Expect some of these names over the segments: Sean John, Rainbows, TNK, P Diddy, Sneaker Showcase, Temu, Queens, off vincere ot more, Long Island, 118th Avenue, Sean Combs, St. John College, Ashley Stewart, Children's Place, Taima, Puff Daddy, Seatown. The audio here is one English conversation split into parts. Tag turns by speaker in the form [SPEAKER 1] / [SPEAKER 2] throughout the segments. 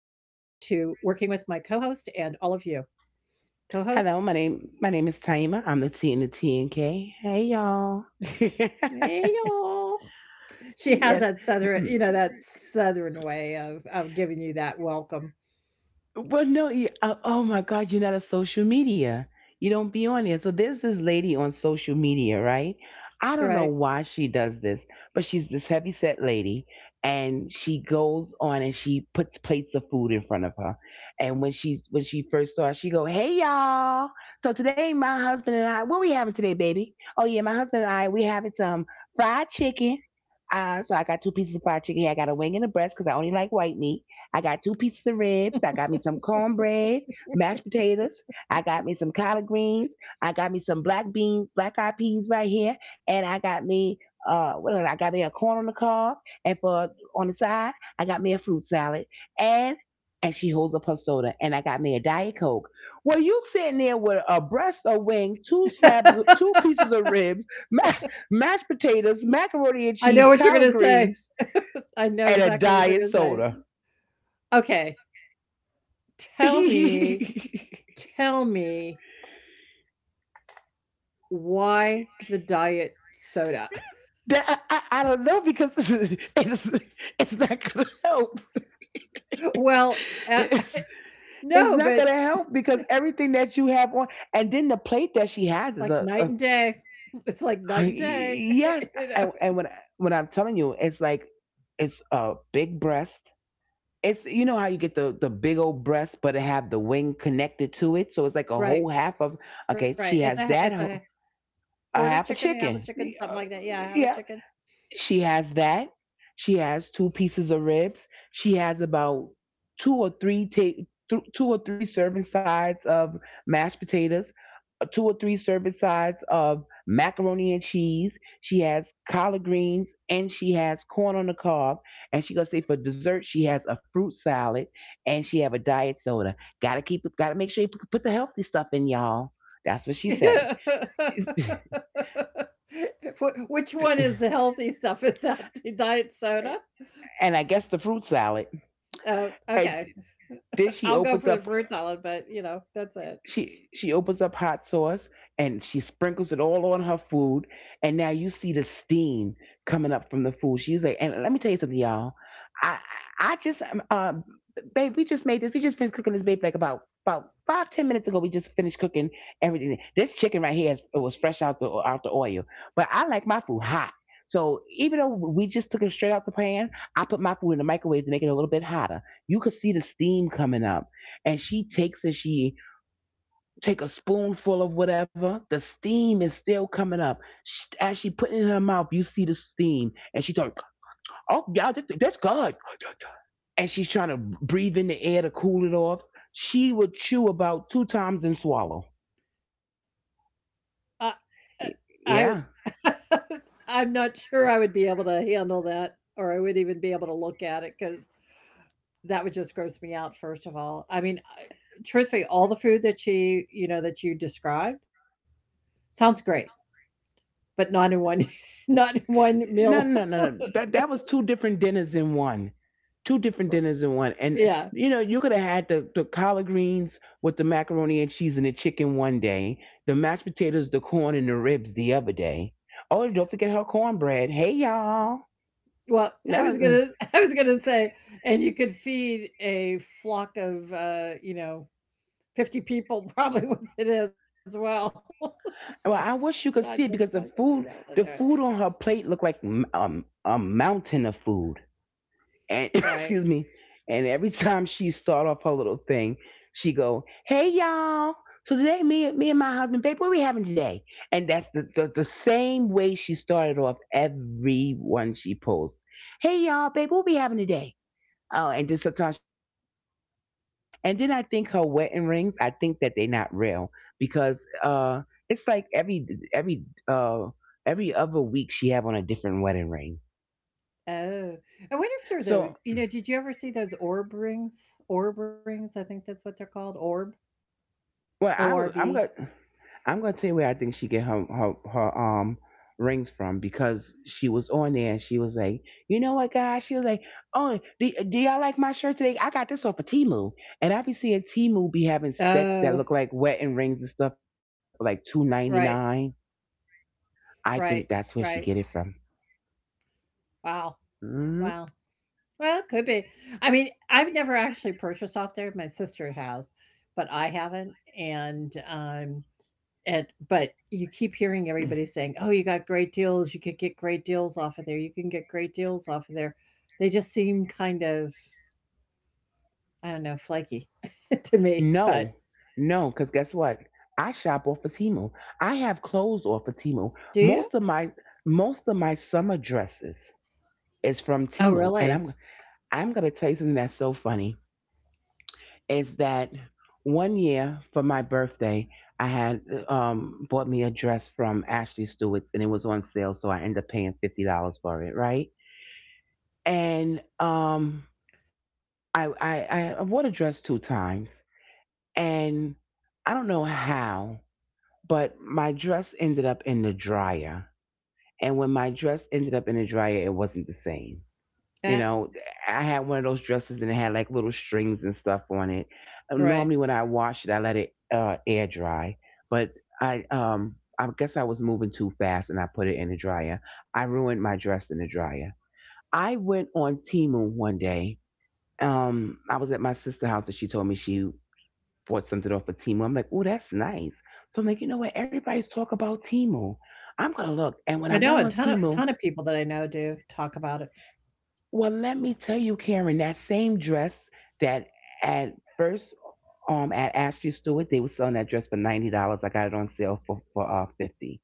[SPEAKER 1] working with my co-host and all of you. Co-host,
[SPEAKER 2] Hello, my name is Taima. I'm the T in the TNK. Hey y'all.
[SPEAKER 1] hey y'all. She has
[SPEAKER 2] yes.
[SPEAKER 1] that southern, you know, that southern way of giving you that welcome,
[SPEAKER 2] Well, no, you, oh my God, you're not a social media. You don't be on there. So there's this lady on social media, right? I don't know
[SPEAKER 1] right?
[SPEAKER 2] why she does this, but she's this heavy set lady, and she goes on and she puts plates of food in front of her. And when she first saw her, she go, "Hey y'all! So today, my husband and I, what we having today, baby? Oh yeah, my husband and I, we having some fried chicken. So I got two pieces of fried chicken. Hey, I got a wing and a breast because I only like white meat." I got two pieces of ribs. I got me some cornbread, mashed potatoes. I got me some collard greens. I got me some black beans, black eyed peas right here. And I got me, what else? I got me a corn on the cob. And for on the side, I got me a fruit salad. And, and she holds up her soda. And I got me a Diet Coke. Well, you sitting there with a breast of wing, two pieces of ribs, ma- mashed potatoes, macaroni and
[SPEAKER 1] I know
[SPEAKER 2] cheese,
[SPEAKER 1] what you're
[SPEAKER 2] collard
[SPEAKER 1] gonna say.
[SPEAKER 2] greens,
[SPEAKER 1] I know
[SPEAKER 2] and a
[SPEAKER 1] exactly what you're
[SPEAKER 2] diet
[SPEAKER 1] gonna say.
[SPEAKER 2] soda.
[SPEAKER 1] Okay, tell me,
[SPEAKER 2] that
[SPEAKER 1] tell me, why the diet soda?
[SPEAKER 2] I don't know because it's not gonna help.
[SPEAKER 1] Well, uh,
[SPEAKER 2] It's it's
[SPEAKER 1] no,
[SPEAKER 2] not
[SPEAKER 1] but
[SPEAKER 2] gonna help because everything that you have on, and then the plate that she has is
[SPEAKER 1] like night and day. It's like
[SPEAKER 2] a
[SPEAKER 1] night and day,
[SPEAKER 2] yes.
[SPEAKER 1] you
[SPEAKER 2] And
[SPEAKER 1] know.
[SPEAKER 2] and when I'm telling you, it's like it's a big breast. It's you know how you get the big old breast, but it have the wing connected to it, so it's like a whole
[SPEAKER 1] Right,
[SPEAKER 2] half of. Okay,
[SPEAKER 1] right.
[SPEAKER 2] she has that
[SPEAKER 1] It's
[SPEAKER 2] a
[SPEAKER 1] a quarter
[SPEAKER 2] half a
[SPEAKER 1] chicken, you have a
[SPEAKER 2] chicken.
[SPEAKER 1] chicken, something
[SPEAKER 2] Yeah,
[SPEAKER 1] like that. Yeah, have a
[SPEAKER 2] yeah.
[SPEAKER 1] chicken.
[SPEAKER 2] She has that. She has two pieces of ribs. She has about two or three ta- two or three serving sides of mashed potatoes, two or three serving sides of macaroni and cheese. She has collard greens and she has corn on the cob. And she gonna say for dessert she has a fruit salad and she have a diet soda. Gotta keep it. Gotta make sure you put the healthy stuff in, y'all. That's what she say.
[SPEAKER 1] Which one is the healthy stuff? Is that the diet soda?
[SPEAKER 2] And I guess the fruit salad.
[SPEAKER 1] Oh,
[SPEAKER 2] And
[SPEAKER 1] okay.
[SPEAKER 2] then she
[SPEAKER 1] I'll go
[SPEAKER 2] opens
[SPEAKER 1] for the
[SPEAKER 2] up.
[SPEAKER 1] fruit salad, but you know, that's it.
[SPEAKER 2] she she opens up hot sauce and she sprinkles it all on her food, and now you see the steam coming up from the food. She's like, "And let me tell you something, y'all, i I just babe, we just finished cooking this, babe, like about 5 to 10 minutes ago. We just finished cooking everything. This chicken right here it was fresh out the oil, but I like my food hot, so even though we just took it straight out the pan, I put my food in the microwave to make it a little bit hotter. You could see the steam coming up." And she takes it. She take a spoonful of whatever, the steam is still coming up. Sh as she put it in her mouth, you see the steam, and she like, "Oh yeah, that's good." And she's trying to breathe in the air to cool it off. She would chew about two times and swallow.
[SPEAKER 1] I uh, I
[SPEAKER 2] Yeah.
[SPEAKER 1] I'm not sure I would be able to handle that or I would even be able to look at it because that would just gross me out, first of all. I mean, I, truthfully, all the food that you know, that you described sounds great, but not in one, not in one meal.
[SPEAKER 2] No, no, no, no. That was two different dinners in one. Two different dinners in one. And
[SPEAKER 1] Yeah.
[SPEAKER 2] you know, you could have had the collard greens with the macaroni and cheese and the chicken one day, the mashed potatoes, the corn and the ribs the other day. Oh, and don't forget her cornbread. Hey y'all.
[SPEAKER 1] Well, I
[SPEAKER 2] Now,
[SPEAKER 1] was gonna, I was gonna say, and you could feed a flock of, you know, 50 people probably with it as well. So
[SPEAKER 2] well, I
[SPEAKER 1] that just
[SPEAKER 2] wish you could
[SPEAKER 1] sound
[SPEAKER 2] see
[SPEAKER 1] good
[SPEAKER 2] it
[SPEAKER 1] for
[SPEAKER 2] because
[SPEAKER 1] me.
[SPEAKER 2] the food on her plate looked like a mountain of food. And
[SPEAKER 1] Right.
[SPEAKER 2] excuse me. And every time she start off her little thing, she go, "Hey y'all! So today, me and my husband, babe, what we having today?" And that's the same way she started off every one she posts. "Hey y'all, babe, what we having today?" Oh, and then sometimes she'll show her husband. And then I think her wedding rings, I think that they're not real because it's like every uh every other week she have on a different wedding ring.
[SPEAKER 1] Oh, I wonder if they're those.
[SPEAKER 2] So,
[SPEAKER 1] You know, did you ever see those orb rings? Orb rings, I think that's what they're called. Orb,
[SPEAKER 2] well,
[SPEAKER 1] O
[SPEAKER 2] I
[SPEAKER 1] R
[SPEAKER 2] was. I'm
[SPEAKER 1] B.
[SPEAKER 2] gonna. I'm gonna tell you where I think she get her rings from because she was on there and she was like, "You know what, guys?" She was like, "Oh, do y'all like my shirt today? I got this off of Timu," and I be seeing Timu be having sets that
[SPEAKER 1] Oh,
[SPEAKER 2] look like wedding rings and stuff for like 2.99.
[SPEAKER 1] right,
[SPEAKER 2] I think that's where
[SPEAKER 1] right,
[SPEAKER 2] she get it
[SPEAKER 1] right.
[SPEAKER 2] from.
[SPEAKER 1] Wow,
[SPEAKER 2] Hmm.
[SPEAKER 1] wow. Well, it could be. I mean, I've never actually purchased off there. My sister has, but I haven't. And um, and but you keep hearing everybody saying, "Oh, you got great deals. You could get great deals off of there. You can get great deals off of there." They just seem kind of, I don't know, flaky, to me, but
[SPEAKER 2] No, no, because guess what? I shop off of Timu. I have clothes off of Timu.
[SPEAKER 1] do you?
[SPEAKER 2] Most of my most of my summer dresses is from
[SPEAKER 1] Oh,
[SPEAKER 2] Timu, and
[SPEAKER 1] really?
[SPEAKER 2] I'm gonna tell you something that's so funny is that one year for my birthday, I had bought me a dress from Ashley Stewart's, and it was on sale, so I ended up paying $50 for it, right? And I, I I wore the dress two times, and I don't know how, but my dress ended up in the dryer, and when my dress ended up in the dryer, it wasn't the same. You
[SPEAKER 1] Yeah,
[SPEAKER 2] know, I had one of those dresses and it had like little strings and stuff on it. Normally,
[SPEAKER 1] right.
[SPEAKER 2] when I wash it, I let it air dry, but I guess I was moving too fast and I put it in the dryer. I ruined my dress in the dryer. I went on Temu one day. I was at my sister's house and she told me she bought something off of Temu. I'm like, "Oh, that's nice." So I'm like, "You know what? Everybody's talking about Temu. I'm gonna look." And
[SPEAKER 1] I
[SPEAKER 2] when I
[SPEAKER 1] know a
[SPEAKER 2] went on
[SPEAKER 1] ton
[SPEAKER 2] Temu,
[SPEAKER 1] of people that I know do talk about it.
[SPEAKER 2] well, let me tell you, Karen, that same dress that at first at Ashley Stewart, they were selling that dress for $90. I got it on sale for 50.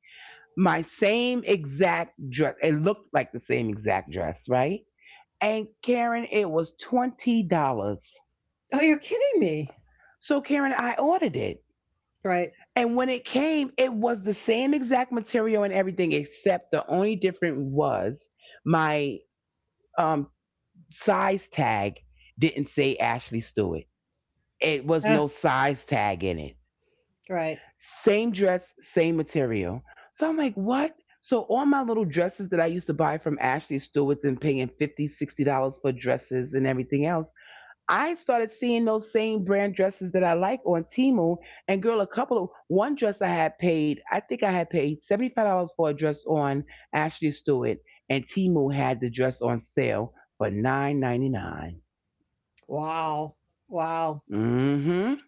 [SPEAKER 2] My same exact dress. It looked like the same exact dress, right? And Karen, it was $20.
[SPEAKER 1] Oh, you're kidding me.
[SPEAKER 2] So Karen, I ordered it.
[SPEAKER 1] Right.
[SPEAKER 2] And when it came, it was the same exact material and everything, except the only difference was my um size tag didn't say Ashley Stewart. It was
[SPEAKER 1] Yeah,
[SPEAKER 2] no size tag in it.
[SPEAKER 1] right.
[SPEAKER 2] Same dress, same material. So I'm like, "What?" So all my little dresses that I used to buy from Ashley Stewart's and paying $50, dollars, $60 for dresses and everything else, I started seeing those same brand dresses that I like on Timu. And girl, a couple of one dress I had paid, I think I had paid $75 for a dress on Ashley Stewart, and Timu had the dress on sale for 9.99.
[SPEAKER 1] Wow. Wow.
[SPEAKER 2] Mm-hmm.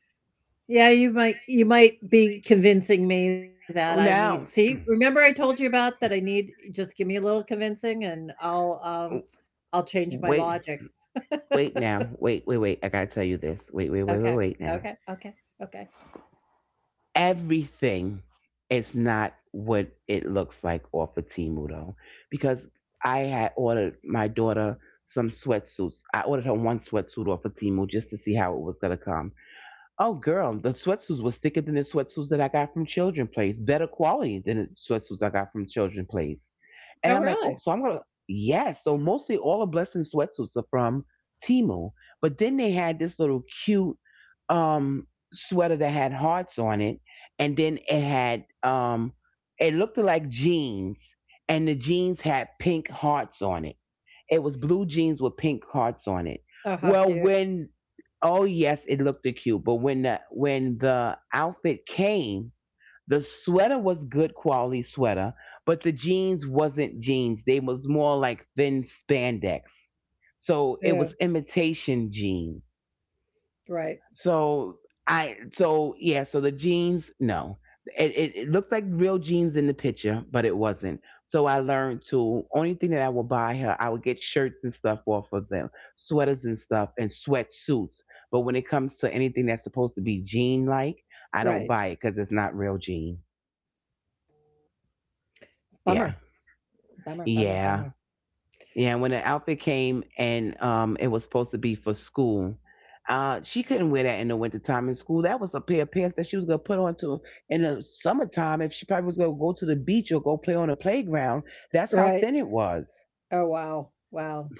[SPEAKER 1] Yeah, you might, you might be convincing me that I need, see,
[SPEAKER 2] Now,
[SPEAKER 1] remember I told you about that, I need just give me a little convincing and I'll change my
[SPEAKER 2] wait.
[SPEAKER 1] logic.
[SPEAKER 2] Wait now. Wait, wait, wait. I got to tell you this. Wait, wait, wait, wait,
[SPEAKER 1] Okay.
[SPEAKER 2] wait now.
[SPEAKER 1] Okay. Okay. Okay.
[SPEAKER 2] Everything is not what it looks like off of Timu, though, because I had ordered my daughter some sweatsuits. I ordered her one sweatsuit off of Timu just to see how it was going to come. Oh, girl, the sweatsuits was thicker than the sweatsuits that I got from Children's Place. Better quality than the sweatsuits I got from Children's Place.
[SPEAKER 1] Oh
[SPEAKER 2] And I'm like,
[SPEAKER 1] really?
[SPEAKER 2] oh, so I'm gonna yes. So mostly all the blessing sweatsuits are from Timo. But then they had this little cute um sweater that had hearts on it, and then it looked like jeans, and the jeans had pink hearts on it. It was blue jeans with pink hearts on it.
[SPEAKER 1] Oh how
[SPEAKER 2] Well,
[SPEAKER 1] cute.
[SPEAKER 2] when oh yes, it looked cute, but when the outfit came, the sweater was good quality sweater, but the jeans wasn't jeans. They was more like thin spandex. So it
[SPEAKER 1] Yeah.
[SPEAKER 2] was imitation jeans.
[SPEAKER 1] Right.
[SPEAKER 2] So so yeah, so the jeans, no. It looked like real jeans in the picture, but it wasn't. So I learned to only thing that I would buy her, I would get shirts and stuff off of them, sweaters and stuff, and sweatsuits. But when it comes to anything that's supposed to be jean like, I don't
[SPEAKER 1] Right.
[SPEAKER 2] buy it because it's not real jean.
[SPEAKER 1] Bummer.
[SPEAKER 2] Yeah.
[SPEAKER 1] Bummer, bummer, bummer.
[SPEAKER 2] Yeah. Yeah. When the outfit came and it was supposed to be for school. She couldn't wear that in the wintertime in school. That was a pair of pants that she was gonna put on to in the summertime if she probably was gonna go to the beach or go play on the playground. That's
[SPEAKER 1] Right.
[SPEAKER 2] how thin it was.
[SPEAKER 1] Oh, wow. Wow.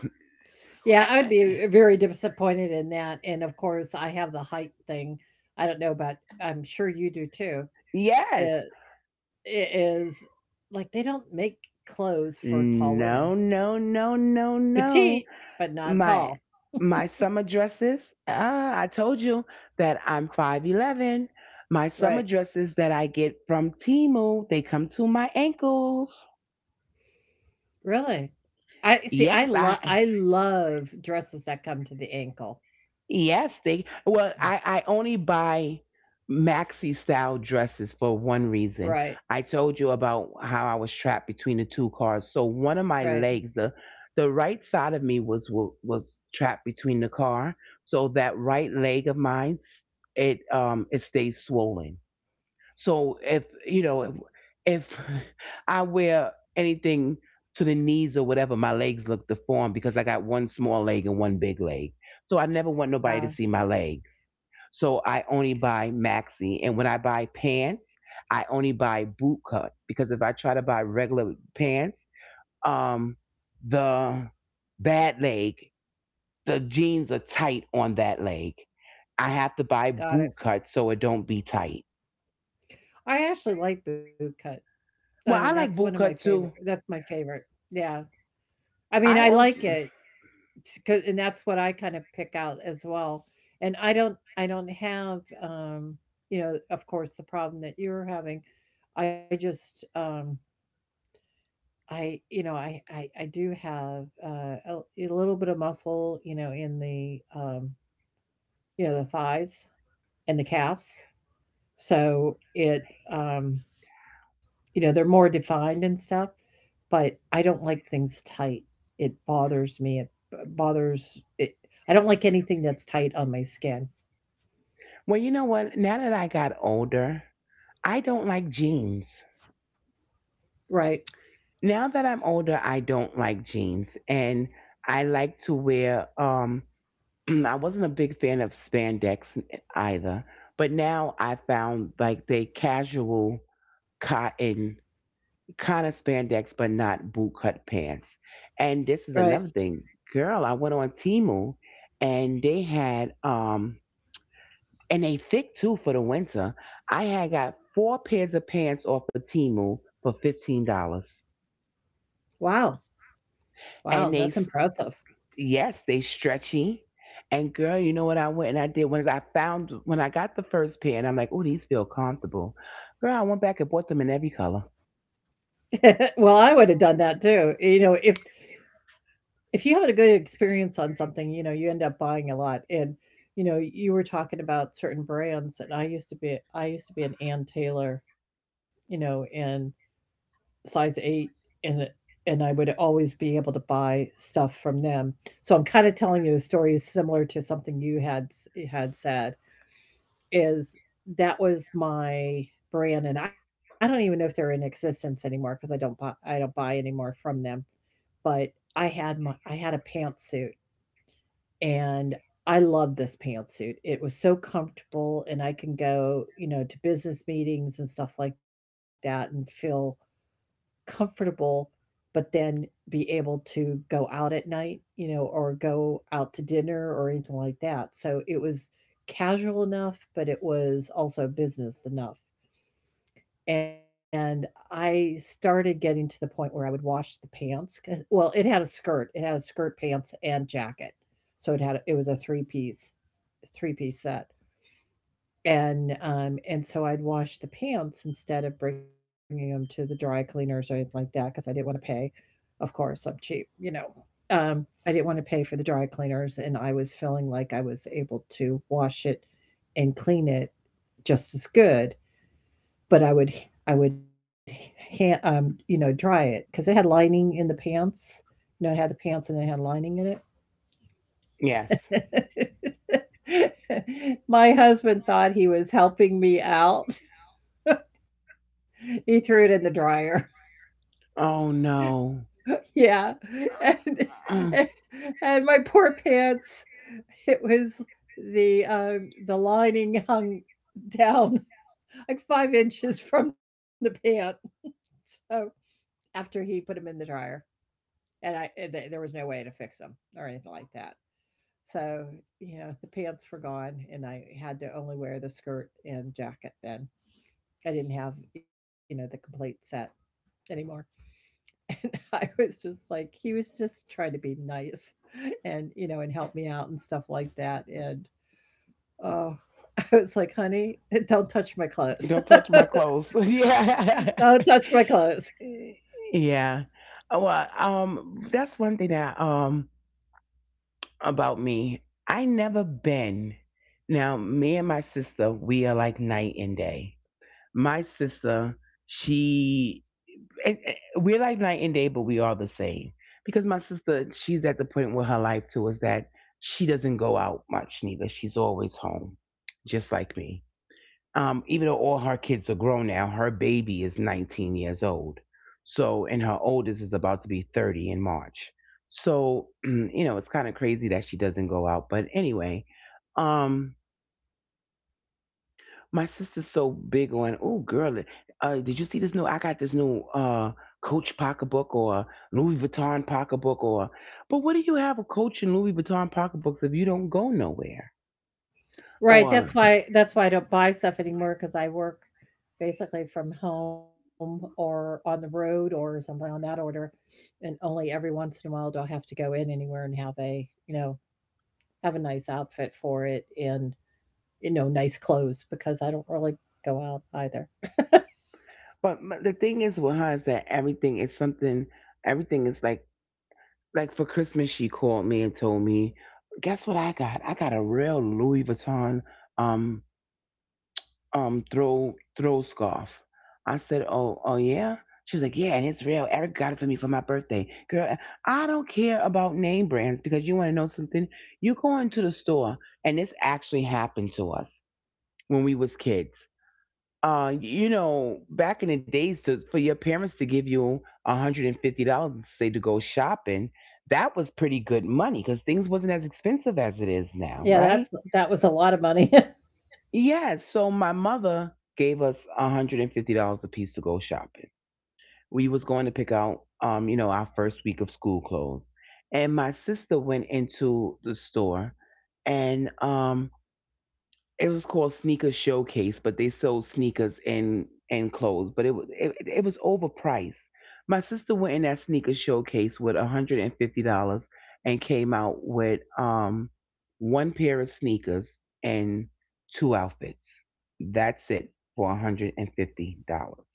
[SPEAKER 1] Yeah,
[SPEAKER 2] I-
[SPEAKER 1] I'd
[SPEAKER 2] I-
[SPEAKER 1] be very disappointed in that. And of course, I have the height thing. I don't know but I'm sure you do too.
[SPEAKER 2] Yes.
[SPEAKER 1] It is like they don't make clothes for tall women.
[SPEAKER 2] No, no, no, no, no.
[SPEAKER 1] Petite, but not
[SPEAKER 2] my
[SPEAKER 1] tall.
[SPEAKER 2] my summer dresses I told you that I'm 5'11". My summer
[SPEAKER 1] Right.
[SPEAKER 2] dresses that I get from Timu, they come to my ankles.
[SPEAKER 1] Really? I see,
[SPEAKER 2] yes
[SPEAKER 1] I love,
[SPEAKER 2] i
[SPEAKER 1] I love dresses that come to the ankle.
[SPEAKER 2] Yes, they. Well, I only buy maxi style dresses for one
[SPEAKER 1] Right.
[SPEAKER 2] reason. I told you about how I was trapped between the two cars. So one of my
[SPEAKER 1] Right.
[SPEAKER 2] legs, the right side of me was trapped between the car. So that right leg of mine, it stays swollen. So if you know if I wear anything to the knees or whatever, my legs look deformed because I got one small leg and one big leg. So I never want
[SPEAKER 1] Uh,
[SPEAKER 2] nobody to see my legs. So I only buy maxi, and when I buy pants, I only buy boot cut because if I try to buy regular pants, um, the bad leg, the jeans are tight on that leg. I have to buy
[SPEAKER 1] got it.
[SPEAKER 2] boot cut so it don't be tight.
[SPEAKER 1] I actually like bootcut. I mean,
[SPEAKER 2] Well,
[SPEAKER 1] that's
[SPEAKER 2] I
[SPEAKER 1] one
[SPEAKER 2] like
[SPEAKER 1] of my
[SPEAKER 2] boot cut
[SPEAKER 1] favorite,
[SPEAKER 2] too.
[SPEAKER 1] that's my favorite. Yeah. I mean,
[SPEAKER 2] I
[SPEAKER 1] I like
[SPEAKER 2] also,
[SPEAKER 1] it, cause, and that's what I kind of pick out as well, and I don't have, you know, of course, the problem that you're having. I just, I, you know, I do have, a little bit of muscle, you know, in the, you know, the thighs and the calves, so it, um, you know, they're more defined and stuff. But I don't like things tight. It bothers me. It bothers it. I don't like anything that's tight on my skin.
[SPEAKER 2] well, you know what? Now that I got older, I don't like jeans.
[SPEAKER 1] Right.
[SPEAKER 2] Now that I'm older, I don't like jeans, and I like to wear. I wasn't a big fan of spandex either, but now I found, like, the casual cotton kind of spandex, but not boot cut pants. And this is another
[SPEAKER 1] Right.
[SPEAKER 2] thing, girl. I went on Timu, and they had and they thick too for the winter. I had got four pairs of pants off of Timu for $15,
[SPEAKER 1] Wow. Wow,
[SPEAKER 2] and
[SPEAKER 1] that's
[SPEAKER 2] they,
[SPEAKER 1] impressive.
[SPEAKER 2] yes, they stretchy. And, girl, you know what I went and I did when I found when I got the first pair, and I'm like, oh, these feel comfortable. Girl, I went back and bought them in every color.
[SPEAKER 1] Well, I would have done that too. You know, if you have a good experience on something, you know, you end up buying a lot. And you know, you were talking about certain brands, and I used to be an Ann Taylor, you know, and size eight, and and I would always be able to buy stuff from them. So I'm kind of telling you a story similar to something you had had said, is that was my brand and I don't even know if they're in existence anymore because I don't buy anymore from them. But I had a pantsuit, and I loved this pantsuit. It was so comfortable and I can go, you know, to business meetings and stuff like that and feel comfortable, but then be able to go out at night, you know, or go out to dinner or anything like that. So it was casual enough, but it was also business enough. And I started getting to the point where I would wash the pants. 'Cause, well, it had a skirt, pants, and jacket. So it had, it was a three-piece set. And so I'd wash the pants instead of bringing them to the dry cleaners or anything like that because I didn't wanna pay. Of course, I'm cheap, you know. I didn't wanna pay for the dry cleaners, and I was feeling like I was able to wash it and clean it just as good, but I would hand, you know, dry it because it had lining in the pants. You know, it had the pants and it had lining in
[SPEAKER 2] Yes.
[SPEAKER 1] it. My husband thought he was helping me out. He threw it in the dryer.
[SPEAKER 2] Oh no.
[SPEAKER 1] Yeah, and and and my poor pants, it was the lining hung down, like, 5 inches from the pant, so after he put 'em in the dryer, and I and the there was no way to fix them or anything like that. So, you know, the pants were gone, and I had to only wear the skirt and jacket then. I didn't have, you know, the complete set anymore. And I was just like, he was just trying to be nice and, you know, and help me out and stuff like that, and, oh, I was like, "Honey, don't touch my clothes.
[SPEAKER 2] Don't touch my clothes.
[SPEAKER 1] Don't
[SPEAKER 2] Yeah.
[SPEAKER 1] touch my clothes."
[SPEAKER 2] Yeah. Well, that's one thing that about me. I never been. Now, me and my sister, we are like night and day. My sister, she, we're like night and day, but we are the same. Because my sister, she's at the point with her life too, is that she doesn't go out much neither. She's always home, just like me, even though all her kids are grown now, her baby is 19 years old. So, and her oldest is about to be 30 in March. So, you know, it's kind of crazy that she doesn't go out. But anyway, um, my sister's so big on, oh, girl, did you see this new? I got this new Coach pocketbook, or Louis Vuitton pocketbook, or... But what do you have a Coach and Louis Vuitton pocketbooks if you don't go nowhere?
[SPEAKER 1] Right,
[SPEAKER 2] Or...
[SPEAKER 1] that's why I don't buy stuff anymore because I work basically from home or on the road or something on that order, and only every once in a while do I have to go in anywhere and have a, you know, have a nice outfit for it, and you know, nice clothes because I don't really go out either.
[SPEAKER 2] But the thing is with her is that everything is something. Everything is like for Christmas she called me and told me, guess what I got? I got a real Louis Vuitton um throw scarf. I said, oh, yeah. She was like, yeah, and it's real. Eric got it for me for my birthday. Girl, I don't care about name brands because you want to know something. You go into the store, and this actually happened to us when we was kids, back in the days, to, for your parents to give you $150, say, to go shopping, that was pretty good money because things wasn't as expensive as it is now,
[SPEAKER 1] Yeah,
[SPEAKER 2] right?
[SPEAKER 1] that was a lot of money.
[SPEAKER 2] Yeah, so my mother gave us $150 a piece to go shopping. We was going to pick out, you know, our first week of school clothes. And my sister went into the store, and it was called Sneaker Showcase, but they sold sneakers and clothes, but it was overpriced. My sister went in that sneaker showcase with $150 and came out with one pair of sneakers and two outfits. That's it for $150.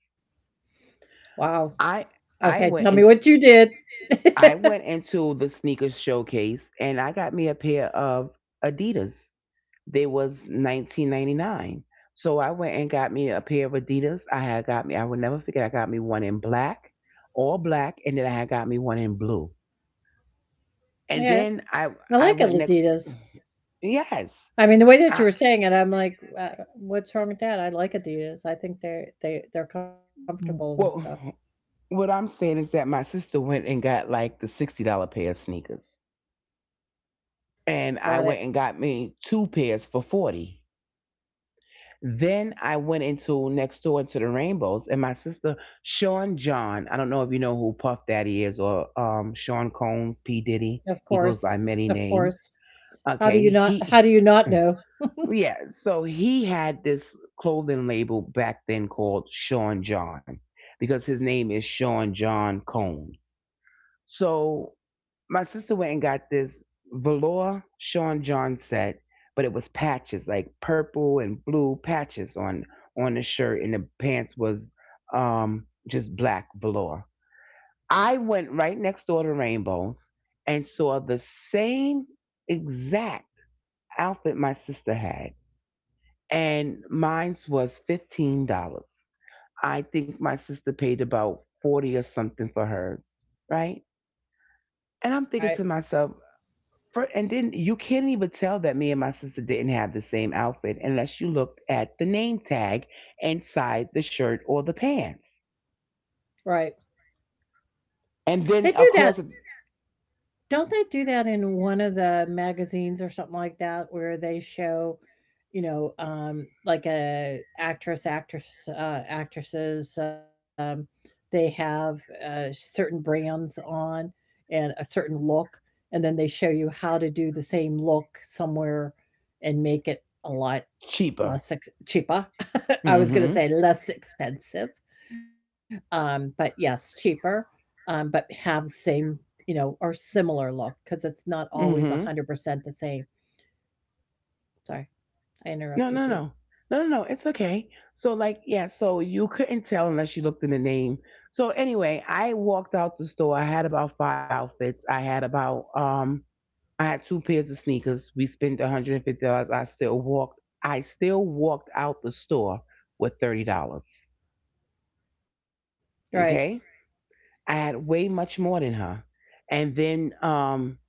[SPEAKER 1] Wow.
[SPEAKER 2] I I
[SPEAKER 1] Okay,
[SPEAKER 2] went
[SPEAKER 1] tell me
[SPEAKER 2] in
[SPEAKER 1] what you did.
[SPEAKER 2] I went into the sneaker showcase and I got me a pair of Adidas. There was 1999. So I went and got me a pair of Adidas. I had got me, I will never forget, I got me one in black, all black, and then I had got me one in blue. And
[SPEAKER 1] Yeah,
[SPEAKER 2] then I
[SPEAKER 1] I
[SPEAKER 2] I
[SPEAKER 1] like
[SPEAKER 2] went next,
[SPEAKER 1] Adidas.
[SPEAKER 2] yes.
[SPEAKER 1] I mean, the way that you
[SPEAKER 2] I,
[SPEAKER 1] were saying it, I'm like, what's wrong with that? I like Adidas. I think they're comfortable and stuff.
[SPEAKER 2] well, what I'm saying is that my sister went and got like the $60 pair of sneakers. And I
[SPEAKER 1] Got it.
[SPEAKER 2] went and got me two pairs for 40. Then I went into next door into the Rainbows, and my sister... Sean John. I don't know if you know who Puff Daddy is, or Sean Combs, P Diddy.
[SPEAKER 1] Of
[SPEAKER 2] He goes
[SPEAKER 1] course.
[SPEAKER 2] by many
[SPEAKER 1] Of
[SPEAKER 2] names.
[SPEAKER 1] course.
[SPEAKER 2] Okay, he
[SPEAKER 1] How do you not know?
[SPEAKER 2] yeah. So he had this clothing label back then called Sean John because his name is Sean John Combs. So my sister went and got this velour Sean John set, but it was patches, like purple and blue patches on the shirt, and the pants was just black velour. I went right next door to Rainbows and saw the same exact outfit my sister had, and mine's was $15. I think my sister paid about 40 or something for hers, right? And I'm thinking to
[SPEAKER 1] Right.
[SPEAKER 2] myself, for, and then you can't even tell that me and my sister didn't have the same outfit unless you looked at the name tag inside the shirt or the pants.
[SPEAKER 1] Right. They
[SPEAKER 2] And
[SPEAKER 1] do
[SPEAKER 2] then, of
[SPEAKER 1] that.
[SPEAKER 2] course, it's
[SPEAKER 1] Don't they do that in one of the magazines or something like that where they show, you know, like a actress, actresses, they have certain brands on and a certain look, and then they show you how to do the same look somewhere and make it a lot
[SPEAKER 2] cheaper.
[SPEAKER 1] cheaper. I was going to
[SPEAKER 2] Mm-hmm.
[SPEAKER 1] say less expensive, but yes, cheaper, but have same, you know, or similar look because it's not always
[SPEAKER 2] Mm-hmm.
[SPEAKER 1] 100% the same. Sorry, I
[SPEAKER 2] No,
[SPEAKER 1] interrupted
[SPEAKER 2] no,
[SPEAKER 1] you.
[SPEAKER 2] no. No, no, no. It's okay. So, like, yeah, so you couldn't tell unless you looked in the name. So anyway, I walked out the store. I had about five outfits. I had two pairs of sneakers. We spent $150. I still walked out the store with $30.
[SPEAKER 1] Right.
[SPEAKER 2] Okay. I had way much more than her. And then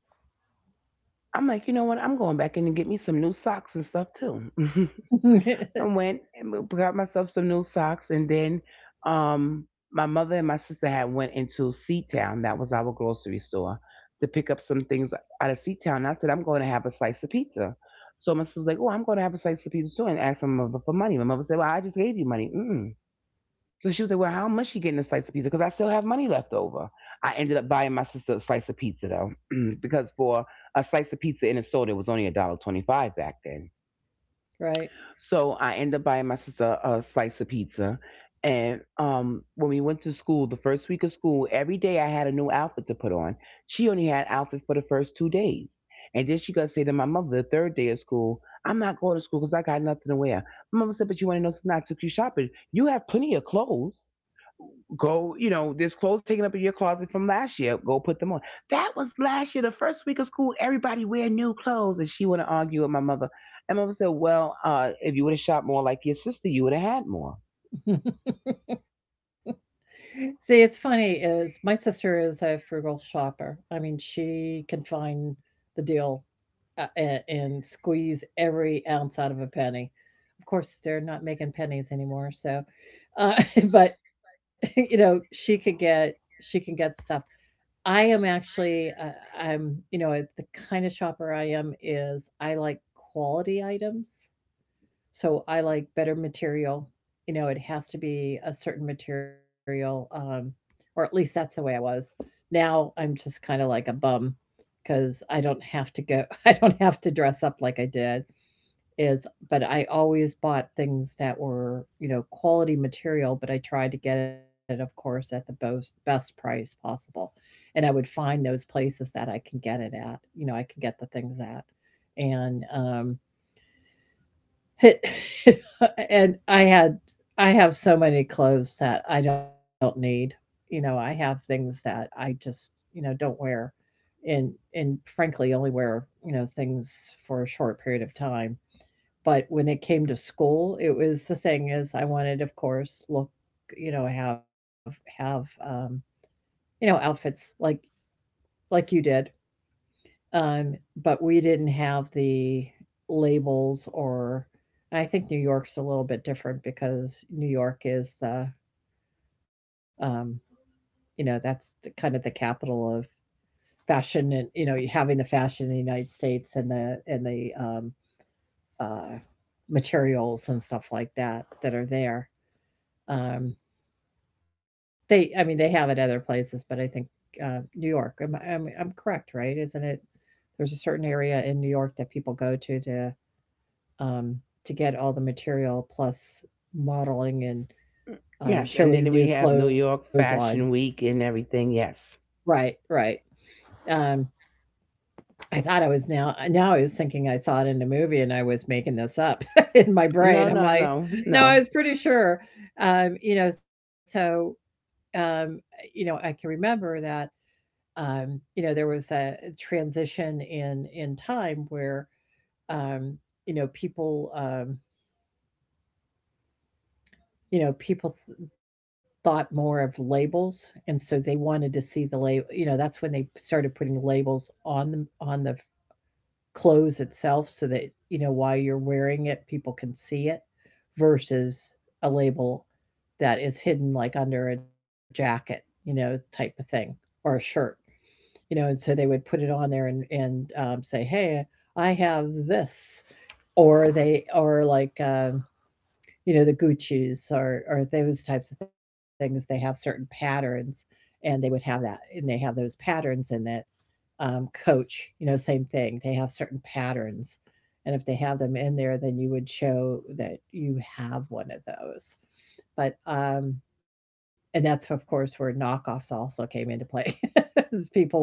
[SPEAKER 2] I'm like, you know what? I'm going back in and get me some new socks and stuff too. I went and got myself some new socks, and then my mother and my sister had went into Seatown. That was our grocery store, to pick up some things out of Seatown. And I said, I'm going to have a slice of pizza. So my sister was like, oh, I'm going to have a slice of pizza too, and asked my mother for money. My mother said, well, I just gave you money. Mm. So she was like, well, how much you getting a slice of pizza? Because I still have money left over. I ended up buying my sister a slice of pizza though, because for a slice of pizza in a soda it was only a dollar twenty-five back then.
[SPEAKER 1] Right.
[SPEAKER 2] So I ended up buying my sister a slice of pizza. And when we went to school, the first week of school, every day I had a new outfit to put on. She only had outfits for the first 2 days. And then she got to say to my mother the third day of school, I'm not going to school because I got nothing to wear. My mother said, but you want to know, since I took you shopping, you have plenty of clothes. Go, you know, there's clothes taken up in your closet from last year. Go put them on. That was last year, the first week of school. Everybody wear new clothes, and she want to argue with my mother. And my mother said, "Well, if you would have shopped more like your sister, you would have had more."
[SPEAKER 1] See, it's funny is my sister is a frugal shopper. I mean, she can find the deal, and squeeze every ounce out of a penny. Of course, they're not making pennies anymore, so but you know, she can get stuff. I am actually, I'm, you know, the kind of shopper I am is I like quality items. So I like better material. You know, it has to be a certain material, or at least that's the way I was. Now I'm just kind of like a bum because I don't have to go, I don't have to dress up like I did is, but I always bought things that were, you know, quality material, but I tried to get it, of course, at the best price possible. And I would find those places that I can get it at, you know, I can get the things at. And it, and I had, I have so many clothes that I don't need. You know, I have things that I just, you know, don't wear, and frankly only wear, you know, things for a short period of time, but when it came to school, it was the thing is I wanted, of course, look, you know, have you know, outfits like you did. Um, but we didn't have the labels, or I think New York's a little bit different because New York is um, that's kind of the capital of fashion. And you having the fashion in the United States, and the uh materials and stuff like that that are there. Um, They, I mean, they have it other places, but I think, New York, am I I'm correct, right? Isn't it There's a certain area in New York that people go to, um, to get all the material, plus modeling and,
[SPEAKER 2] Yes, and
[SPEAKER 1] showing
[SPEAKER 2] then
[SPEAKER 1] new
[SPEAKER 2] we have New York
[SPEAKER 1] clothesline.
[SPEAKER 2] Fashion Week and everything. Yes.
[SPEAKER 1] Right, right. Um, I thought I was now Now I was thinking I saw it in a movie, and I was making this up in my
[SPEAKER 2] No,
[SPEAKER 1] brain. I'm
[SPEAKER 2] no, no,
[SPEAKER 1] like, "No,
[SPEAKER 2] no.
[SPEAKER 1] I was pretty sure." Um, you know, so, um, uh, I can remember that there was a transition in time where um, people you know people th- thought more of labels, and so they wanted to see the label. That's when they started putting labels on the clothes itself, so that while you're wearing it, people can see it, versus a label that is hidden like under a jacket, type of thing, or a shirt. And so they would put it on there, and say, "Hey, I have this," or like, the Guccis or those types of things. They have certain patterns, and they would have that, and they have those patterns in it. Coach, same thing. They have certain patterns. And if they have them in there, then you would show that you have one of those. But, um, and that's, of course, where knockoffs also came into play. People would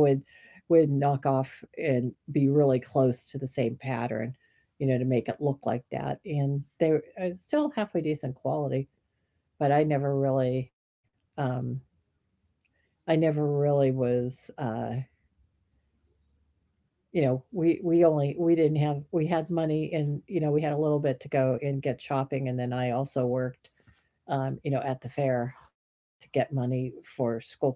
[SPEAKER 1] knock off and be really close to the same pattern, to make it look like that. And they were still halfway decent quality, but um, I never really was you know, we only we didn't have we had money, and we had a little bit to go and get shopping. And then I also worked, at the fair to get money for school clothes.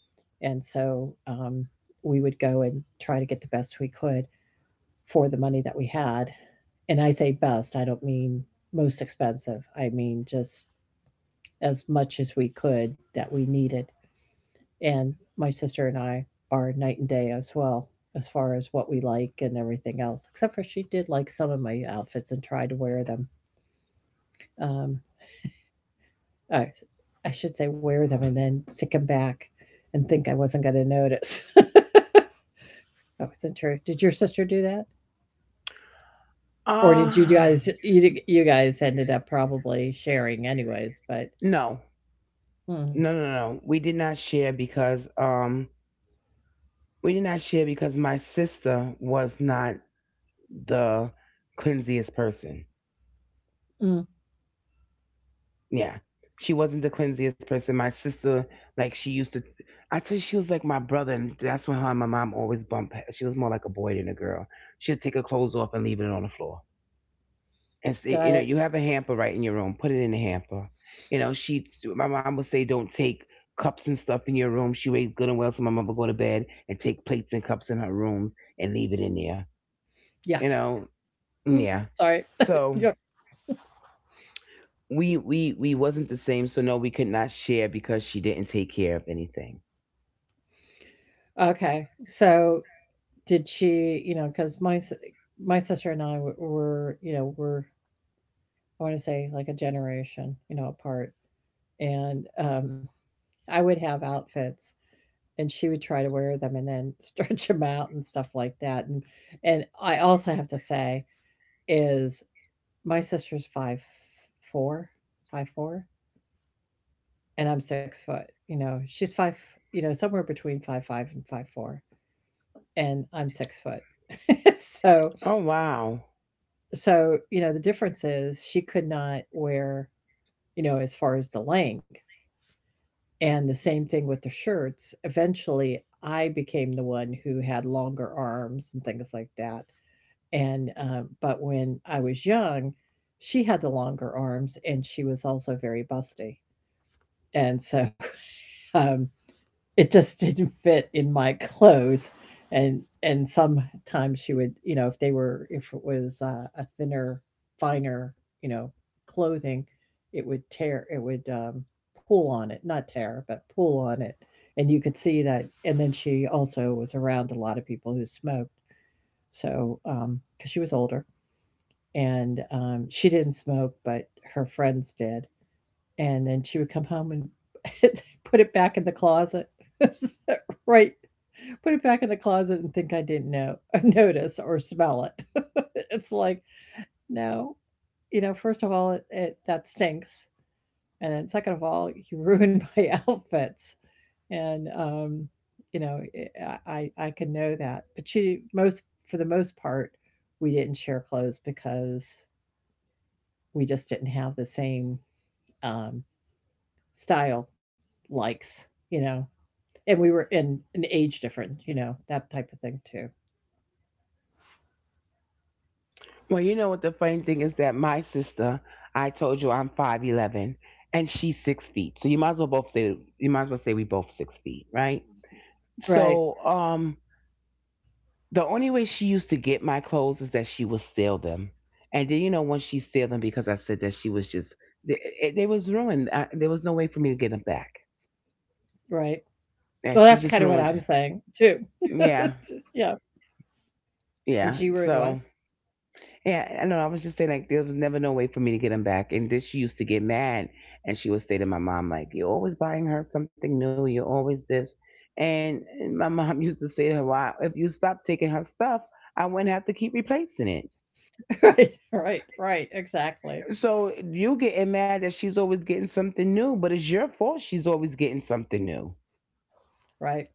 [SPEAKER 1] And so we would go and try to get the best we could for the money that we had. And I say best, I don't mean most expensive, I mean just as much as we could that we needed. And my sister and I are night and day as well, as far as what we like and everything else, except for she did like some of my outfits and tried to wear them. Um, I, I should say wear them and then stick them back and think I wasn't going to notice. That wasn't true. Did your sister do that? Or did you
[SPEAKER 2] Uh
[SPEAKER 1] guys ended up probably sharing anyways? But
[SPEAKER 2] no,
[SPEAKER 1] Mm,
[SPEAKER 2] no, no, no. We did not share because my sister was not the cleansiest person.
[SPEAKER 1] mm,
[SPEAKER 2] Yeah. She wasn't the cleansiest person. My sister, like, she used to, I tell you she was like my brother, and that's when her and my mom always bump. She was more like a boy than a girl. She'd take her clothes off and leave it on the floor. And say, you
[SPEAKER 1] got
[SPEAKER 2] know,
[SPEAKER 1] it.
[SPEAKER 2] you have a hamper right in your room, put it in the hamper. You know, she, my mom would say, don't take cups and stuff in your room. She waited good and well so my mom would go to bed and take plates and cups in her rooms and leave it in there. You
[SPEAKER 1] Yuck.
[SPEAKER 2] know?
[SPEAKER 1] Mm,
[SPEAKER 2] Yeah.
[SPEAKER 1] sorry.
[SPEAKER 2] So
[SPEAKER 1] Yuck.
[SPEAKER 2] we wasn't the same, so no, we could not share because she didn't take care of anything.
[SPEAKER 1] Okay. So did she, because my sister and I w- were, you know, were I want to say like a generation, apart. And I would have outfits, and she would try to wear them and then stretch them out and stuff like that. And I also have to say is my sister's 5'4", 5'4", and I'm 6 foot. She's somewhere between 5'5" and 5'4", and I'm 6 foot. so
[SPEAKER 2] Oh, wow.
[SPEAKER 1] So, the difference is she could not wear, as far as the length, and the same thing with the shirts. Eventually, I became the one who had longer arms and things like that. But when I was young, she had the longer arms, and she was also very busty. And so, um, it just didn't fit in my clothes, and sometimes she would if they were if it was a thinner, finer, you know clothing, it would tear, it would pull on it, not tear but pull on it. And you could see that. And then she also was around a lot of people who smoked, so because she was older and she didn't smoke, but her friends did. And then she would come home and put it back in the closet, right, put it back in the closet and think I didn't know notice or smell it. It's like, "No, first of all, it that stinks, and then second of all, you ruined my outfits." And, you know, it I can know that. But she most for the most part, we didn't share clothes because we just didn't have the same, um, style likes, you know, and we were in an age different, that type of thing too.
[SPEAKER 2] Well, you know what the funny thing is, that my sister, I told you I'm 5'11" and she's 6 feet, so you might as well say we both 6 feet, right?
[SPEAKER 1] Right,
[SPEAKER 2] So the only way she used to get my clothes is that she would steal them. And then, you know, once she steal them, because I said that she was just they, they was ruined. There was no way for me to get them back,
[SPEAKER 1] right.
[SPEAKER 2] and
[SPEAKER 1] Well,
[SPEAKER 2] she
[SPEAKER 1] that's
[SPEAKER 2] just
[SPEAKER 1] kind of what I'm
[SPEAKER 2] ruined.
[SPEAKER 1] saying too.
[SPEAKER 2] Yeah,
[SPEAKER 1] Yeah. And
[SPEAKER 2] yeah.
[SPEAKER 1] she ruined one.
[SPEAKER 2] So yeah, I know. I was just saying like there was never no way for me to get them back. And then she used to get mad, and she would say to my mom like, "You're always buying her something new. You're always this." And my mom used to say to her, "Why? If you stop taking her stuff, I wouldn't have to keep replacing it."
[SPEAKER 1] Right. Right. Right. Exactly.
[SPEAKER 2] So you getting mad that she's always getting something new, but it's your fault she's always getting something new.
[SPEAKER 1] Right.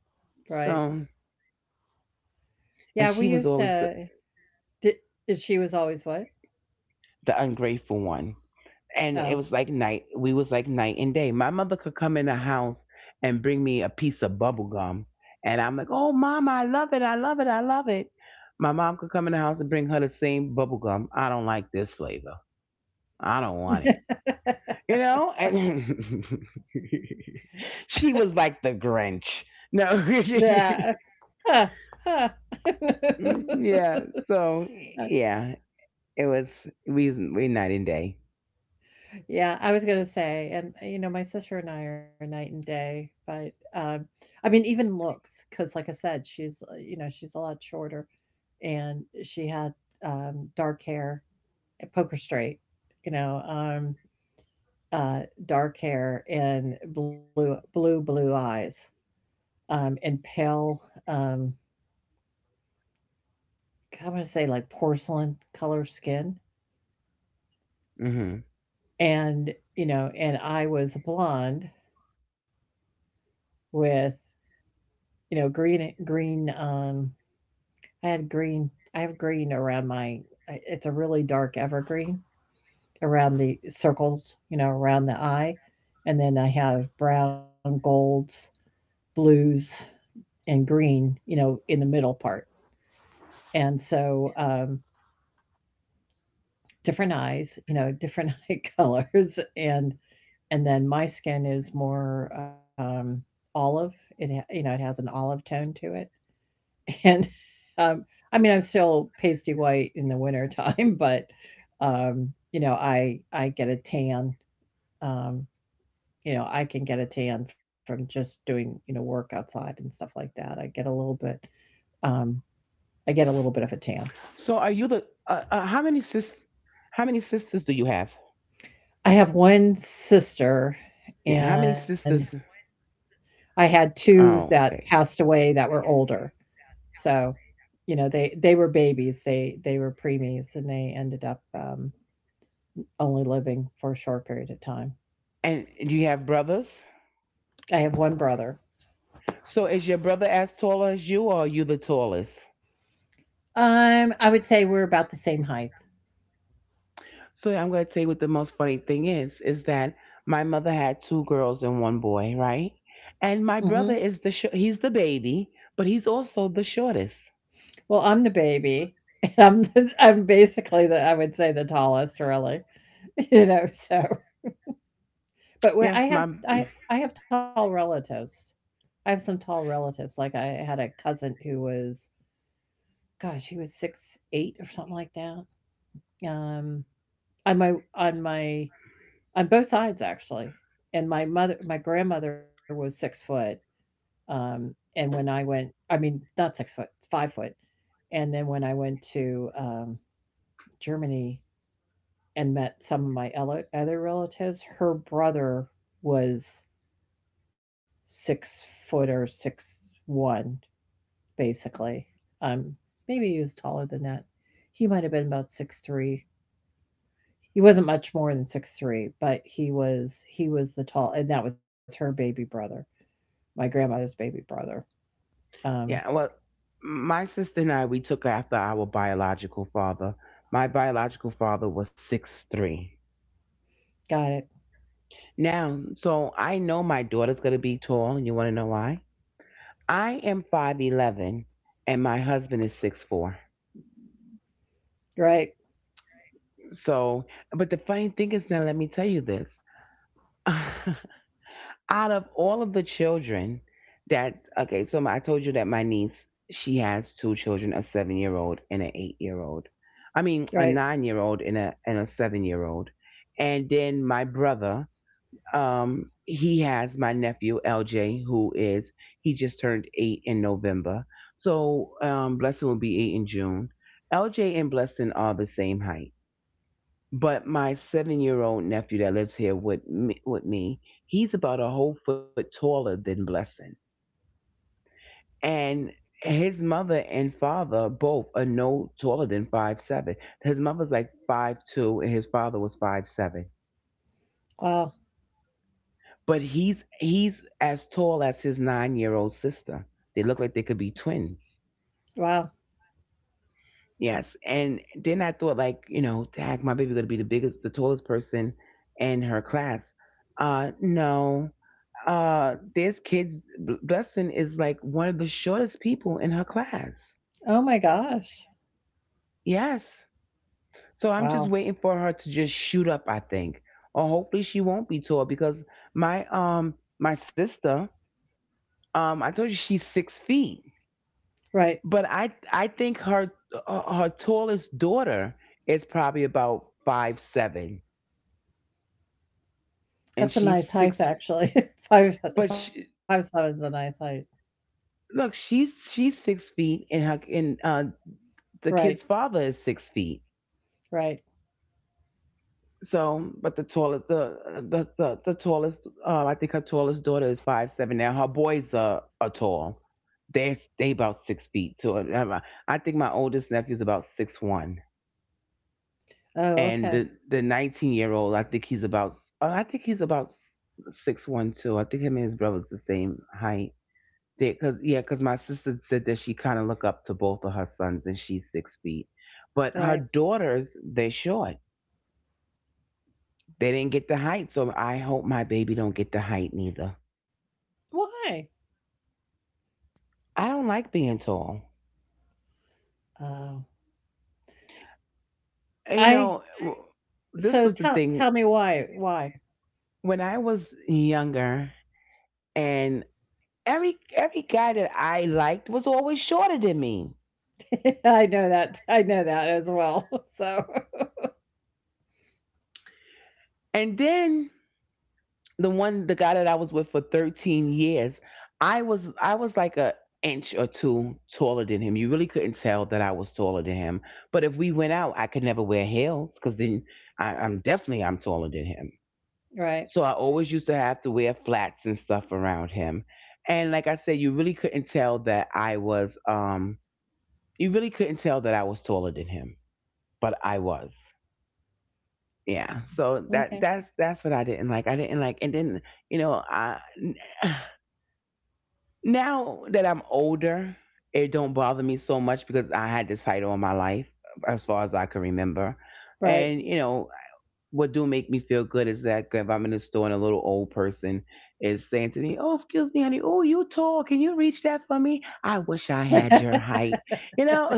[SPEAKER 1] Right.
[SPEAKER 2] So, and
[SPEAKER 1] Yeah. We
[SPEAKER 2] she was
[SPEAKER 1] used
[SPEAKER 2] always the,
[SPEAKER 1] to, did, did she was always what?
[SPEAKER 2] the ungrateful one. And it
[SPEAKER 1] Oh.
[SPEAKER 2] was like night we was like night and day. My mother could come in the house and bring me a piece of bubble gum. And I'm like, "Oh, mama, I love it, I love it, I love it." My mom could come in the house and bring her the same bubble gum. I don't like this flavor. I don't want it. You know? And she was like the Grinch. No.
[SPEAKER 1] Yeah. Huh. Huh.
[SPEAKER 2] Mm, yeah. So yeah, it was we night and day.
[SPEAKER 1] Yeah. I was going to say, and my sister and I are night and day, but, I mean, even looks, because like I said, she's a lot shorter, and she had, dark hair, poker straight, you know, um, uh, dark hair and blue, blue, blue eyes, and pale, um, I'm gonna say like porcelain color skin,
[SPEAKER 2] Hmm.
[SPEAKER 1] and I was blonde with, green, green. I had green. I have green around my. It's a really dark evergreen around the circles, around the eye, and then I have brown, golds, blues, and green, in the middle part. And so different eyes, different eye colors, and then my skin is more olive. It ha- you know It has an olive tone to it, and um, I mean, I'm still pasty white in the winter time, but um, I get a tan. Um, I can get a tan from just doing work outside and stuff like that. I get a little bit.
[SPEAKER 2] So
[SPEAKER 1] Um,
[SPEAKER 2] are you the,
[SPEAKER 1] I get a little bit of a tan.
[SPEAKER 2] how many sisters do you have?
[SPEAKER 1] I have 1
[SPEAKER 2] Yeah, how many
[SPEAKER 1] sister,
[SPEAKER 2] sisters?
[SPEAKER 1] and I had
[SPEAKER 2] Oh,
[SPEAKER 1] 2
[SPEAKER 2] okay.
[SPEAKER 1] that passed away that were older. So, they were babies, they were preemies, and they ended up, only living for a short period of time.
[SPEAKER 2] And do you have brothers?
[SPEAKER 1] I have 1 brother.
[SPEAKER 2] So is your brother as tall as you, or are you the tallest?
[SPEAKER 1] I would say we're about the same height.
[SPEAKER 2] So I'm going to tell you what the most funny thing is that my mother had two girls and one boy, right? And
[SPEAKER 1] Mhm.
[SPEAKER 2] my brother is he's the baby, but he's also the shortest.
[SPEAKER 1] Well, I'm the baby, and I'm the I'm basically the I would say the tallest, really. So, but when I
[SPEAKER 2] Yes,
[SPEAKER 1] have
[SPEAKER 2] my
[SPEAKER 1] I I have tall relatives. I have some tall relatives. Like I had a cousin who was, gosh, he was 6'8" or something like that. Um, on my on my on both sides, actually. And my mother, my grandmother was 6 foot. Um, and when I went, I mean, not 6 foot, 5 foot. And then when I went to Germany and met some of my other relatives, her brother was 6 foot or 6'1", basically. Um, Maybe he was taller than that. He might have been about 6'3". He wasn't much more than 6'3", but he was the tall, and that was her baby brother, my grandmother's baby brother. Um,
[SPEAKER 2] Yeah, well, my sister and I, we took after our biological father. My biological father was 6'3".
[SPEAKER 1] got it.
[SPEAKER 2] Now, so I know my daughter's going to be tall, and you want to know why? I am 5'11, and my husband is 6'4".
[SPEAKER 1] Right,
[SPEAKER 2] So, but the funny thing is, now let me tell you this. out of all of the children, that okay, so, I told you that my niece, she has two children, a 7-year old and an 8-year old. I mean, a
[SPEAKER 1] right.
[SPEAKER 2] 9-year old and a 7-year old. And then my brother, he has my nephew LJ, who is he just turned eight in November. So Blessing will be eight in June. LJ and Blessing are the same height, but my 7-year old nephew that lives here with me, he's about a whole foot taller than Blessing, and his mother and father both are no taller than 5'7". His mother's like 5'2", and his father was 5'7".
[SPEAKER 1] Wow,
[SPEAKER 2] But he's as tall as his 9-year old sister. They look like they could be twins.
[SPEAKER 1] wow.
[SPEAKER 2] Yes. And then I thought, like, tag, my baby gonna be the biggest, the tallest person in her class. No. This kid's, Blessing is like one of the shortest people in her class.
[SPEAKER 1] Oh my gosh,
[SPEAKER 2] Yes, so I'm just
[SPEAKER 1] wow.
[SPEAKER 2] waiting for her to just shoot up, I think, or hopefully she won't be tall, because my my sister, I told you she's 6 feet,
[SPEAKER 1] Right,
[SPEAKER 2] but I think her tallest daughter is probably about 5'7", and
[SPEAKER 1] that's a
[SPEAKER 2] she's
[SPEAKER 1] nice height,
[SPEAKER 2] six.
[SPEAKER 1] actually. Five
[SPEAKER 2] But
[SPEAKER 1] five
[SPEAKER 2] she,
[SPEAKER 1] seven is a nice height.
[SPEAKER 2] look, she's 6 feet, and her, and the
[SPEAKER 1] Right,
[SPEAKER 2] kid's father is 6 feet.
[SPEAKER 1] right.
[SPEAKER 2] So, but the tallest, I think her tallest daughter is 5'7" now. Her boys are tall. They about 6 feet too. I think my oldest nephew's about 6'1",
[SPEAKER 1] Oh,
[SPEAKER 2] and
[SPEAKER 1] okay,
[SPEAKER 2] the 19-year old, I think he's about, uh, I think he's about 6'1" too. I think him and his brother's the same height. Cause my sister said that she kind of look up to both of her sons, and she's 6 feet, but her
[SPEAKER 1] right.
[SPEAKER 2] daughters they short. They didn't get the height, so I hope my baby don't get the height neither.
[SPEAKER 1] Why?
[SPEAKER 2] I don't like being tall.
[SPEAKER 1] Oh.
[SPEAKER 2] You
[SPEAKER 1] I
[SPEAKER 2] know, this
[SPEAKER 1] so
[SPEAKER 2] was the
[SPEAKER 1] tell
[SPEAKER 2] thing,
[SPEAKER 1] tell me why, why.
[SPEAKER 2] when I was younger, and every guy that I liked was always shorter than me.
[SPEAKER 1] I know that, I know that as well. So.
[SPEAKER 2] And then the guy that I was with for 13 years, I was like a inch or two taller than him. You really couldn't tell that I was taller than him. But if we went out, I could never wear heels, because then I, I'm definitely I'm taller than him.
[SPEAKER 1] Right.
[SPEAKER 2] So I always used to have to wear flats and stuff around him. And like I said, you really couldn't tell that I was taller than him, but I was. Yeah. So that
[SPEAKER 1] Okay.
[SPEAKER 2] that's that's what I didn't like. I didn't like, and then, you know, I now that I'm older, it don't bother me so much, because I had this fight all my life, as far as I can remember.
[SPEAKER 1] Right.
[SPEAKER 2] And you know what do make me feel good is that if I'm in the store and a little old person is saying to me, "Oh, excuse me, honey. Oh, you tall. Can you reach that for me? I wish I had your height." You know.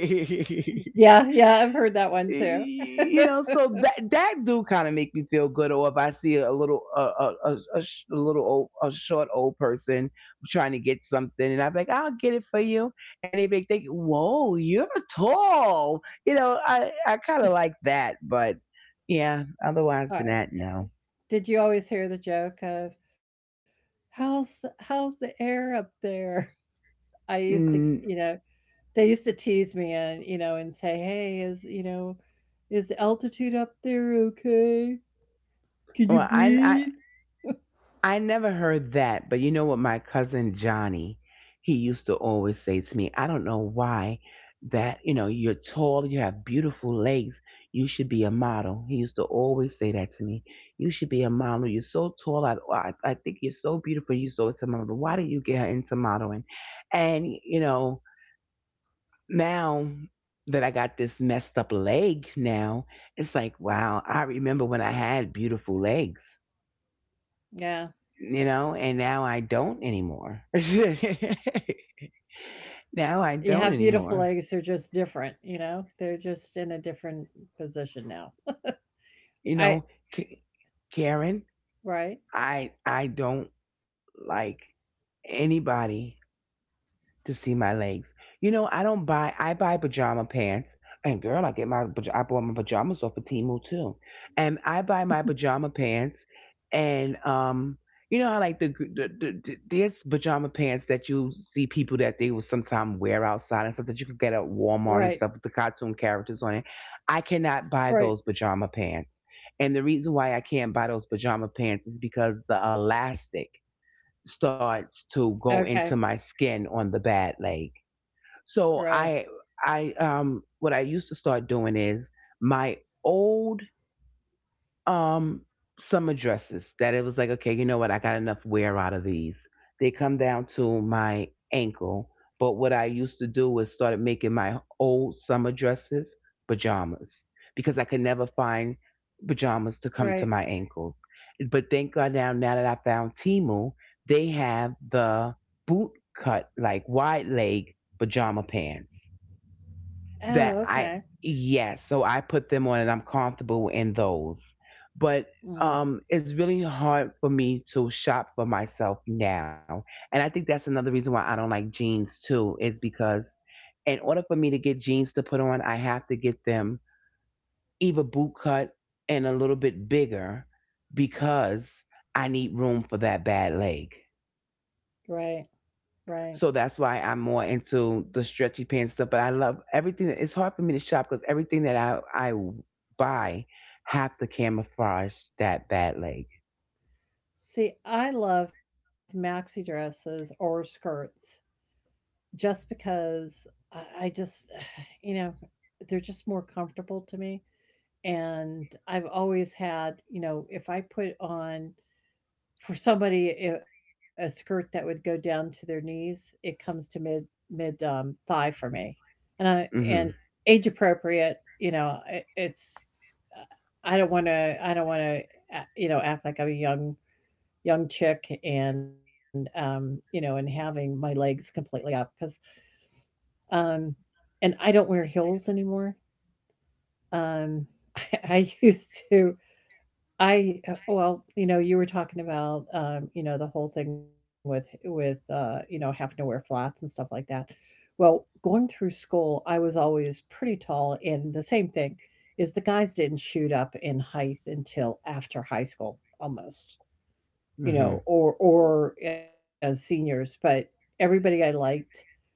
[SPEAKER 1] Yeah, yeah, I've heard that one too.
[SPEAKER 2] so that do kind of make me feel good. Or if I see a little, a little old a short old person trying to get something, and I'm like, "I'll get it for you," and they make think, "Whoa, you're tall." I kind of like that. But yeah, otherwise
[SPEAKER 1] All
[SPEAKER 2] than
[SPEAKER 1] right.
[SPEAKER 2] that, no.
[SPEAKER 1] Did you always hear the joke of how's the air up there? I used to,
[SPEAKER 2] Mm.
[SPEAKER 1] they used to tease me and, and say, "Hey, is the altitude up there okay? Can
[SPEAKER 2] Well,
[SPEAKER 1] you
[SPEAKER 2] I,
[SPEAKER 1] breathe?"
[SPEAKER 2] I never heard that, but you know what, my cousin Johnny, he used to always say to me, I don't know why, that, you're tall, you have beautiful legs, you should be a model. He used to always say that to me. You should be a model. You're so tall. I think you're so beautiful. You so it's a model. Why did you get her into modeling? And, now that I got this messed up leg now, it's like, wow, I remember when I had beautiful legs,
[SPEAKER 1] Yeah.
[SPEAKER 2] and now I don't anymore. now I
[SPEAKER 1] You have
[SPEAKER 2] don't
[SPEAKER 1] beautiful
[SPEAKER 2] anymore.
[SPEAKER 1] eggs, they're just different, you know? They're just in a different position now.
[SPEAKER 2] You
[SPEAKER 1] I
[SPEAKER 2] know, K- Karen,
[SPEAKER 1] Right,
[SPEAKER 2] I don't like anybody to see my legs. I don't buy. I buy pajama pants, and, girl, I bought my pajamas off of Temu too, and I buy my pajama pants, and, you know how, like, there's pajama pants that you see people that they will sometimes wear outside and stuff that you could get at
[SPEAKER 1] right,
[SPEAKER 2] Walmart and stuff, with the cartoon characters on it. I cannot
[SPEAKER 1] right.
[SPEAKER 2] buy those pajama pants, and the reason why I can't buy those pajama pants is because the elastic starts to
[SPEAKER 1] Okay,
[SPEAKER 2] go into my skin on the bad leg.
[SPEAKER 1] right,
[SPEAKER 2] So I what I used to start doing is my old um some addresses, that it was like, okay, you know what, I got enough wear out of these. They come down to my ankle. But what I used to do was started making my old summer dresses pajamas, because I could never find pajamas to
[SPEAKER 1] right.
[SPEAKER 2] come to my ankles. But thank god, now that I found Timu, they have the boot cut, like, wide leg pajama pants
[SPEAKER 1] Oh,
[SPEAKER 2] that
[SPEAKER 1] okay.
[SPEAKER 2] I yes, so I put them on and I'm comfortable in those. But
[SPEAKER 1] Mm,
[SPEAKER 2] it's really hard for me to shop for myself now. And I think that's another reason why I don't like jeans too, is because in order for me to get jeans to put on, I have to get them either boot cut and a little bit bigger, because I need room for that bad leg.
[SPEAKER 1] right, right.
[SPEAKER 2] So that's why I'm more into the stretchy pants stuff. But I love everything. It's hard for me to shop because everything that I buy have to camouflage that bad leg.
[SPEAKER 1] See, I love maxi dresses or skirts just because I just, you know, they're just more comfortable to me. And I've always had, you know, if I put on for somebody a skirt that would go down to their knees, it comes to mid mid thigh for me. and i
[SPEAKER 2] Mm. Mhm.
[SPEAKER 1] and age appropriate, you know, it's I don't want to you know act like I'm a young chick, and you know, and having my legs completely up because um and I don't wear heels anymore. um I used to. You know, you were talking about you know, the whole thing with you know, having to wear flats and stuff like that. Well, going through school, I was always pretty tall, and the same thing is the guys didn't shoot up in height until after high school almost,
[SPEAKER 2] Mm.
[SPEAKER 1] you know,
[SPEAKER 2] Mhm.
[SPEAKER 1] or as seniors, but everybody I liked,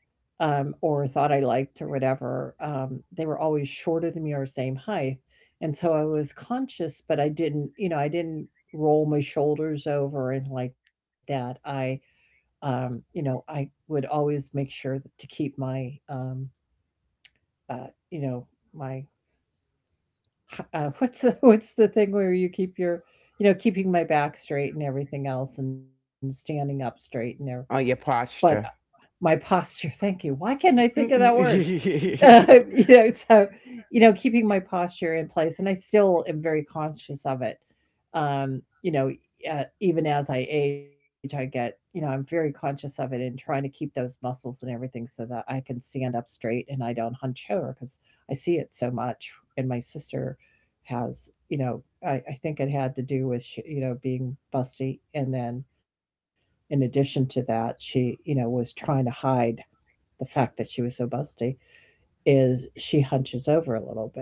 [SPEAKER 1] or thought I liked or whatever, they were always shorter than me or same height. And so I was conscious, but I didn't, you know, I didn't roll my shoulders over and like that. You know, I would always make sure that to keep uh, you know, my, what's the thing where you keep your, you know, keeping my back straight and everything else and standing up straight and there,
[SPEAKER 2] Or your
[SPEAKER 1] but
[SPEAKER 2] posture.
[SPEAKER 1] my posture, thank you. Why can't I think of that word? Um, you
[SPEAKER 2] Mm-mm.
[SPEAKER 1] know, so, you know, keeping my posture in place, and I still am very conscious of it. You know, even as I age, I get, you know, I'm very conscious of it and trying to keep those muscles and everything so that I can stand up straight and I don't hunch over because I see it so much. And my sister has, you know, I think it had to do with, she, you know, being busty. And then in addition to that, she, you know, was trying to hide the fact that she was so busty is she hunches over a little bit,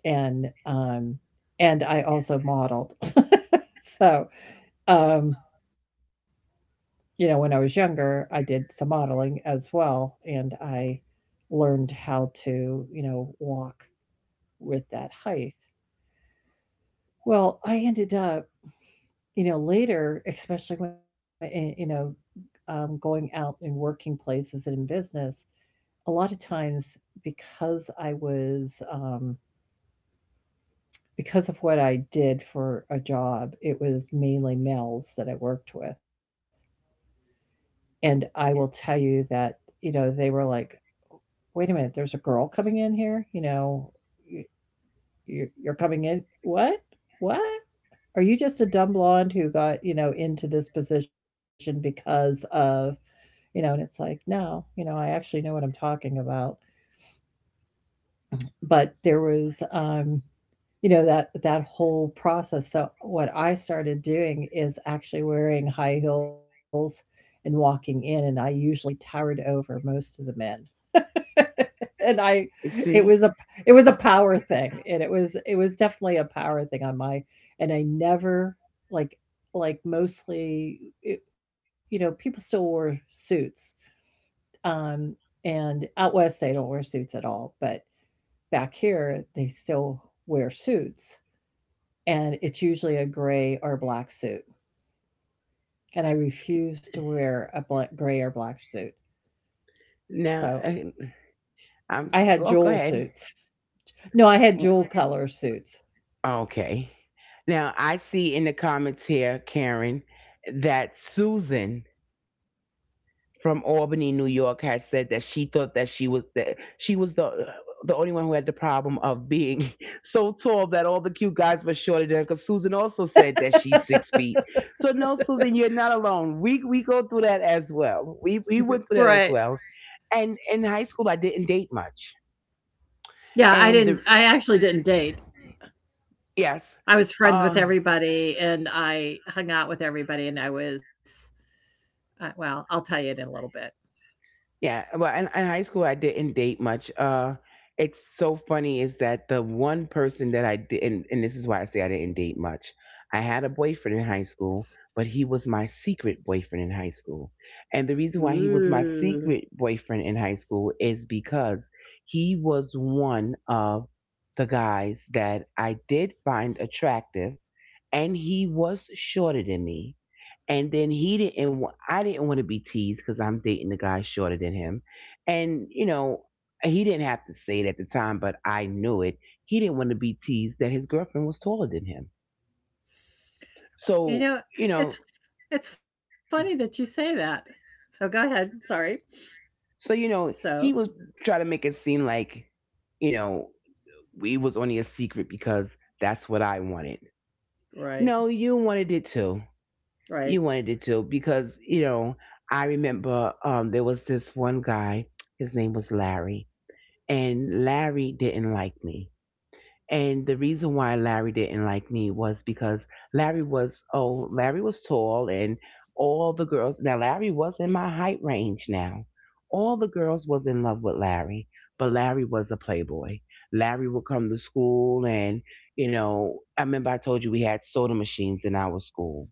[SPEAKER 1] and and I also modeled. So, um you know, when I was younger, I did some modeling as well, and I learned how to, you know, walk with that height. Well, I ended up, you know, later, especially when you know, going out in working places and in business, a lot of times, because I was because of what I did for a job, it was mainly males that I worked with. And I will tell you that, you know, they were like, wait a minute, there's a girl coming in here. You know, y- you're coming in. What? What? Are you just a dumb blonde who got, you know, into this position because of, you know, and it's like, no, you know, I actually know what I'm talking about. But there was, you know, that whole process, so what I started doing is actually wearing high heels and walking in, and I usually towered over most of the men. And I, it was
[SPEAKER 2] See,
[SPEAKER 1] a it was a power thing, and it was definitely a power thing on my, and I never, like mostly, it you know, people still wore suits, um, and out west, they don't wear suits at all, but back here, they still wear suits, and it's usually a gray or black suit. And I refuse to wear a black, gray or black suit.
[SPEAKER 2] now
[SPEAKER 1] So
[SPEAKER 2] I'm.
[SPEAKER 1] I had
[SPEAKER 2] Oh, go
[SPEAKER 1] jewel
[SPEAKER 2] ahead.
[SPEAKER 1] suits. No, I had jewel color suits.
[SPEAKER 2] Okay. Now I see in the comments here, Karen, that Susan from Albany, New York, has said that she thought that she was the only one who had the problem of being so tall that all the cute guys were shorter than her. Because Susan also said that she's 6 feet. So no, Susan, you're not alone. We go through that as well. We went through that as
[SPEAKER 1] Right.
[SPEAKER 2] well. And in high school, I didn't date much.
[SPEAKER 1] Yeah, I
[SPEAKER 2] And
[SPEAKER 1] didn't,
[SPEAKER 2] the
[SPEAKER 1] I actually didn't date.
[SPEAKER 2] yes.
[SPEAKER 1] I was friends with
[SPEAKER 2] uh,
[SPEAKER 1] everybody, and I hung out with everybody, and I was, well, I'll tell you in a little bit.
[SPEAKER 2] yeah, well, in high school, I didn't date much. It's so funny is that the one person that I did, and this is why I say I didn't date much. I had a boyfriend in high school, but he was my secret boyfriend in high school. And the reason why he was my
[SPEAKER 1] Ooh.
[SPEAKER 2] secret boyfriend in high school is because he was one of the guys that I did find attractive, and he was shorter than me and then he didn't. Want. I didn't want to be teased because I'm dating the guy shorter than him, and he didn't have to say it at the time, but I knew it. He didn't want to be teased that his girlfriend was taller than him. So
[SPEAKER 1] You
[SPEAKER 2] you
[SPEAKER 1] know,
[SPEAKER 2] know,
[SPEAKER 1] it's it's funny that you say that. So go ahead. Sorry.
[SPEAKER 2] so he
[SPEAKER 1] So,
[SPEAKER 2] was trying to make it seem like you know we was only a secret because that's what I wanted. No,
[SPEAKER 1] right.
[SPEAKER 2] you wanted it too. You wanted
[SPEAKER 1] Right.
[SPEAKER 2] it too because I remember there was this one guy. His name was Larry and Larry didn't like me. And the reason why Larry didn't like me was because Larry was tall and all the girls, now Larry was in my height range now. All the girls was in love with Larry, but Larry was a playboy. Larry would come to school and I remember I told you we had soda machines in our school,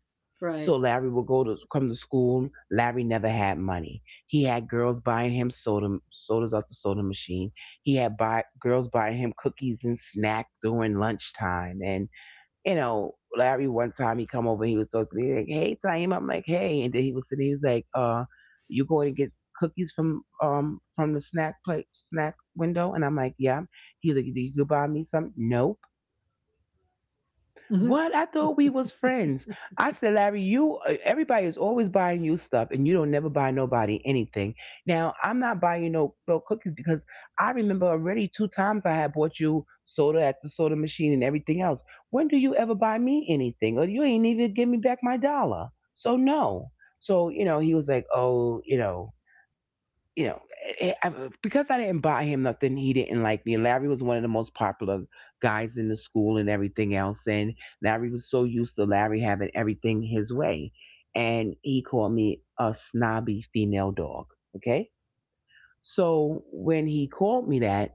[SPEAKER 2] so
[SPEAKER 1] Right.
[SPEAKER 2] Larry would go to come to school. Larry never had money. He had girls buying him sodas off the soda machine. He had buy girls buying him cookies and snack during lunchtime. And Larry one time he come over, and he was talking to me like, "Hey, Taim," I'm like, "Hey," and then he was sitting, he was like, " you going to get cookies from the snack window?" And I'm like, "Yeah." He was like, "Do "You buy me some?" No. What? I
[SPEAKER 1] Mhm.
[SPEAKER 2] thought we was friends. I said, Larry, you everybody is always buying you stuff and you don't never buy nobody anything. Now I'm not buying you no cookies because I remember already two times I had bought you soda at the soda machine and everything else. When do you ever buy me anything? Or you ain't even give me back my dollar. So no. So, he was like, Oh, you know, because I didn't buy him nothing, he didn't like me. And Larry was one of the most popular guys in the school and everything else. And Larry was so used to Larry having everything his way. And he called me a snobby female dog. Okay. So when he called me that,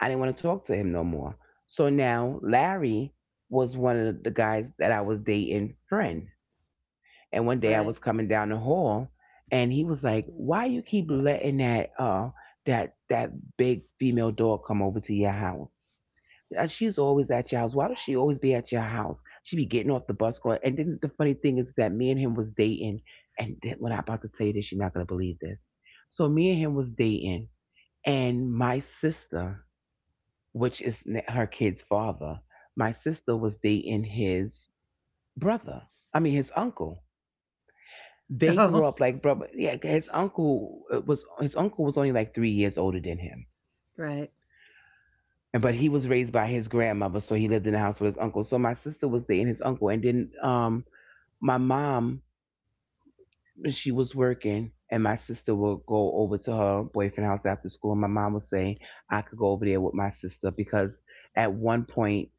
[SPEAKER 2] I didn't want to talk to him no more. So now Larry was one of the guys that I was dating friend. And one
[SPEAKER 1] Right.
[SPEAKER 2] day I was coming down the hall and he was like, why you keep letting that big female dog come over to your house? She's always at your house. Why does she always be at your house? She be getting off the bus going, and then the funny thing is that me and him was dating, and then when I'm about to tell you this, you're not gonna believe this. So me and him was dating, and my sister, which is her kid's father, my sister was dating his brother. I mean his uncle.
[SPEAKER 1] Oh,
[SPEAKER 2] They grew up like bro. Yeah, his uncle was only like 3 years older than him,
[SPEAKER 1] right.
[SPEAKER 2] and but he was raised by his grandmother, so he lived in the house with his uncle. So my sister was dating his uncle, and then my mom, she was working, and my sister would go over to her boyfriend house after school, and my mom would say I could go over there with my sister because at one point,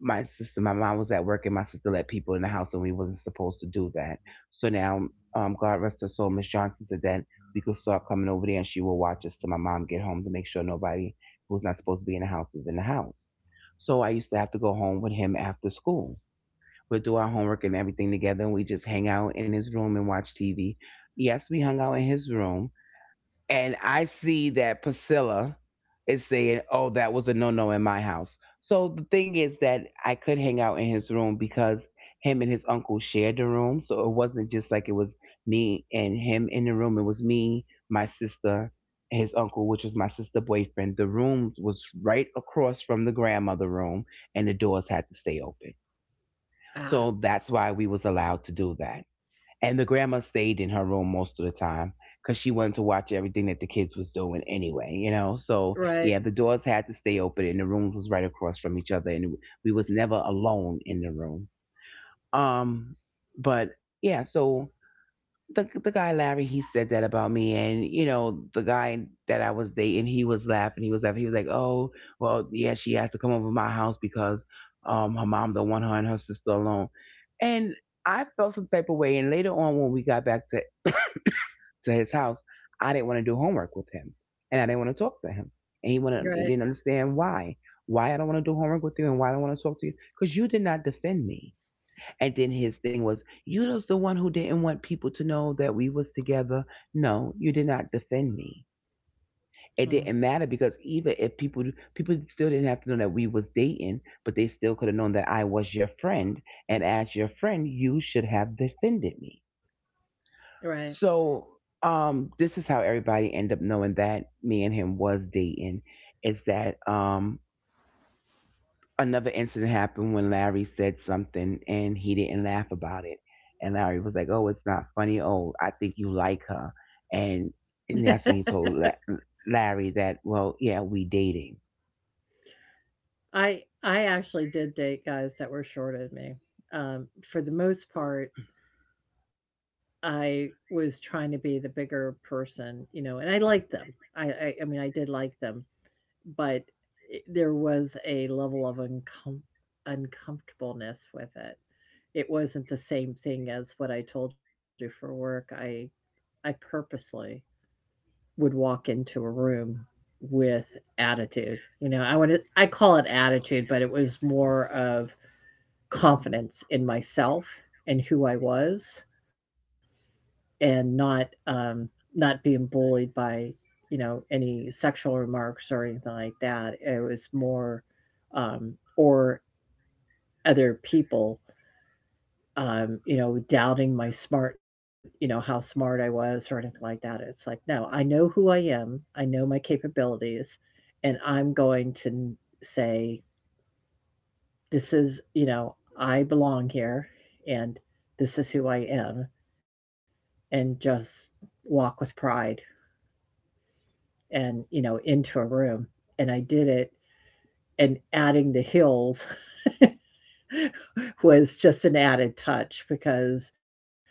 [SPEAKER 2] my mom was at work and my sister let people in the house and we wasn't supposed to do that. So now, God rest her soul, Miss Johnson said that we could start coming over there and she will watch us till my mom get home, to make sure nobody who's not supposed to be in the house is in the house. So I used to have to go home with him after school. We'll do our homework and everything together, and we just hang out in his room and watch TV. Yes, we hung out in his room, and I see that Priscilla is saying, "Oh, that was a no-no in my house." So the thing is that I could hang out in his room because him and his uncle shared the room, so it wasn't just like it was me and him in the room. It was me, my sister, and his uncle, which was my sister's boyfriend. The room was right across from the grandmother room, and the doors had to stay open. So
[SPEAKER 1] Ah,
[SPEAKER 2] that's why we was allowed to do that. And the grandma stayed in her room most of the time because she wanted to watch everything that the kids was doing anyway. So yeah, the
[SPEAKER 1] right,
[SPEAKER 2] doors had to stay open and the rooms was right across from each other, and we was never alone in the room. Um, but yeah, so the guy Larry, he said that about me, and the guy that I was dating, he was laughing. He was like, oh, well, yeah, she has to come over to my house because her mom don't want her and her sister alone. And I felt some type of way. And later on, when we got back to, to his house, I didn't want to do homework with him, and I didn't want to talk to him. And he didn't
[SPEAKER 1] right,
[SPEAKER 2] understand why. Why I don't want to do homework with you, and why I don't want to talk to you, because you did not defend me. And then his thing was, you was the one who didn't want people to know that we was together. No, you did not defend me. It didn't
[SPEAKER 1] mm,
[SPEAKER 2] matter, because even if people still didn't have to know that we was dating, but they still could have known that I was your friend, and as your friend, you should have defended me.
[SPEAKER 1] right.
[SPEAKER 2] So, this is how everybody ended up knowing that me and him was dating. Is that, another incident happened when Larry said something and he didn't laugh about it, and Larry was like, "Oh, it's not funny. Oh, I think you like her," and that's when he told Larry that, "Well, yeah, we dating."
[SPEAKER 1] I actually did date guys that were shorter than me. Um, for the most part, I was trying to be the bigger person, you know, and I liked them. I mean, I did like them, but I there was a level of uncomfortableness with it. It wasn't the same thing as what I told you for work. I purposely would walk into a room with attitude. You know, I would, I call it attitude, but it was more of confidence in myself and who I was, and not not being bullied by, you know, any sexual remarks or anything like that. It was more, or other people, you know, doubting my smart, you know, how smart I was or anything like that. It's like, "No, I know who I am, I know my capabilities, and I'm going to n say, this is,' you know, I belong here, and this is who I am,' and just walk with pride and, you know, into a room." And I did it, and adding the hills. was just an added touch because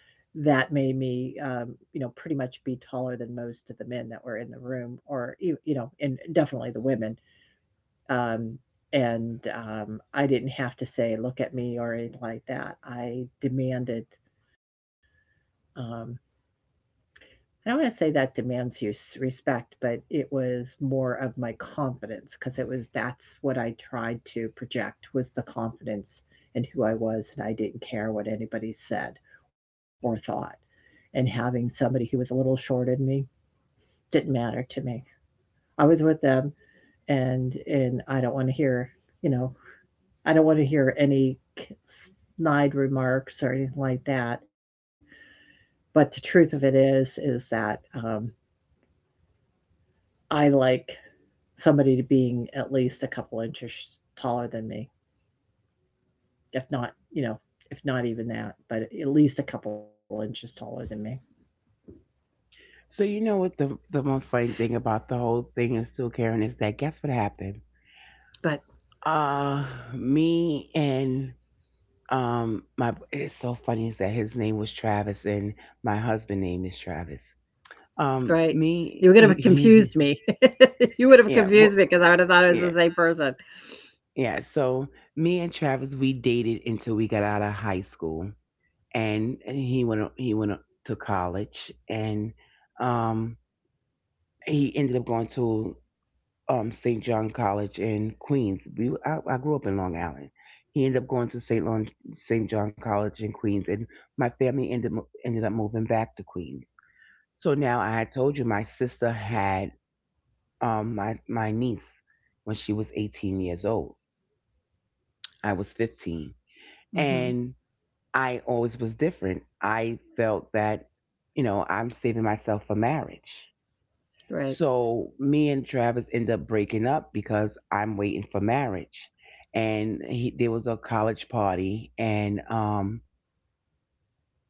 [SPEAKER 1] that made me, you know, pretty much be taller than most of the men that were in the room, or you know, and definitely the women. Um, and I didn't have to say, "Look at me" or anything like that. I demanded. Um, I don't want to say that demands you respect, but it was more of my confidence because it was that's what I tried to project was the confidence in who I was, and I didn't care what anybody said or thought. And having somebody who was a little shorter than me didn't matter to me. I was with them, and I don't want to hear, you know, I don't want to hear any snide remarks or anything like that. But the truth of it is that I like somebody to being at least a couple inches taller than me, if not, you know, if not even that, but at least a couple inches taller than me.
[SPEAKER 2] So you know what the most funny thing about the whole thing is, still, Karen, is that guess what happened?
[SPEAKER 1] But
[SPEAKER 2] Me and my it's so funny is that his name was Travis and my husband name is Travis.
[SPEAKER 1] right, you would
[SPEAKER 2] Me
[SPEAKER 1] have confused me. you would have
[SPEAKER 2] Yeah,
[SPEAKER 1] confused me
[SPEAKER 2] well,
[SPEAKER 1] because I would have thought it
[SPEAKER 2] yeah,
[SPEAKER 1] was the same person.
[SPEAKER 2] yeah, so me and Travis we dated until we got out of high school, and he went to college, and um he ended up going to St. John College in Queens. I grew up in Long Island. He ended up going to St. John College in Queens, and my family ended up moving back to Queens. So now, I had told you my sister had my niece when she was 18 years old. I was 15,
[SPEAKER 1] Mm-hmm.
[SPEAKER 2] and I always was different. I felt that I'm saving myself for marriage.
[SPEAKER 1] Right.
[SPEAKER 2] So me and Travis end up breaking up because I'm waiting for marriage, and there was a college party, and um,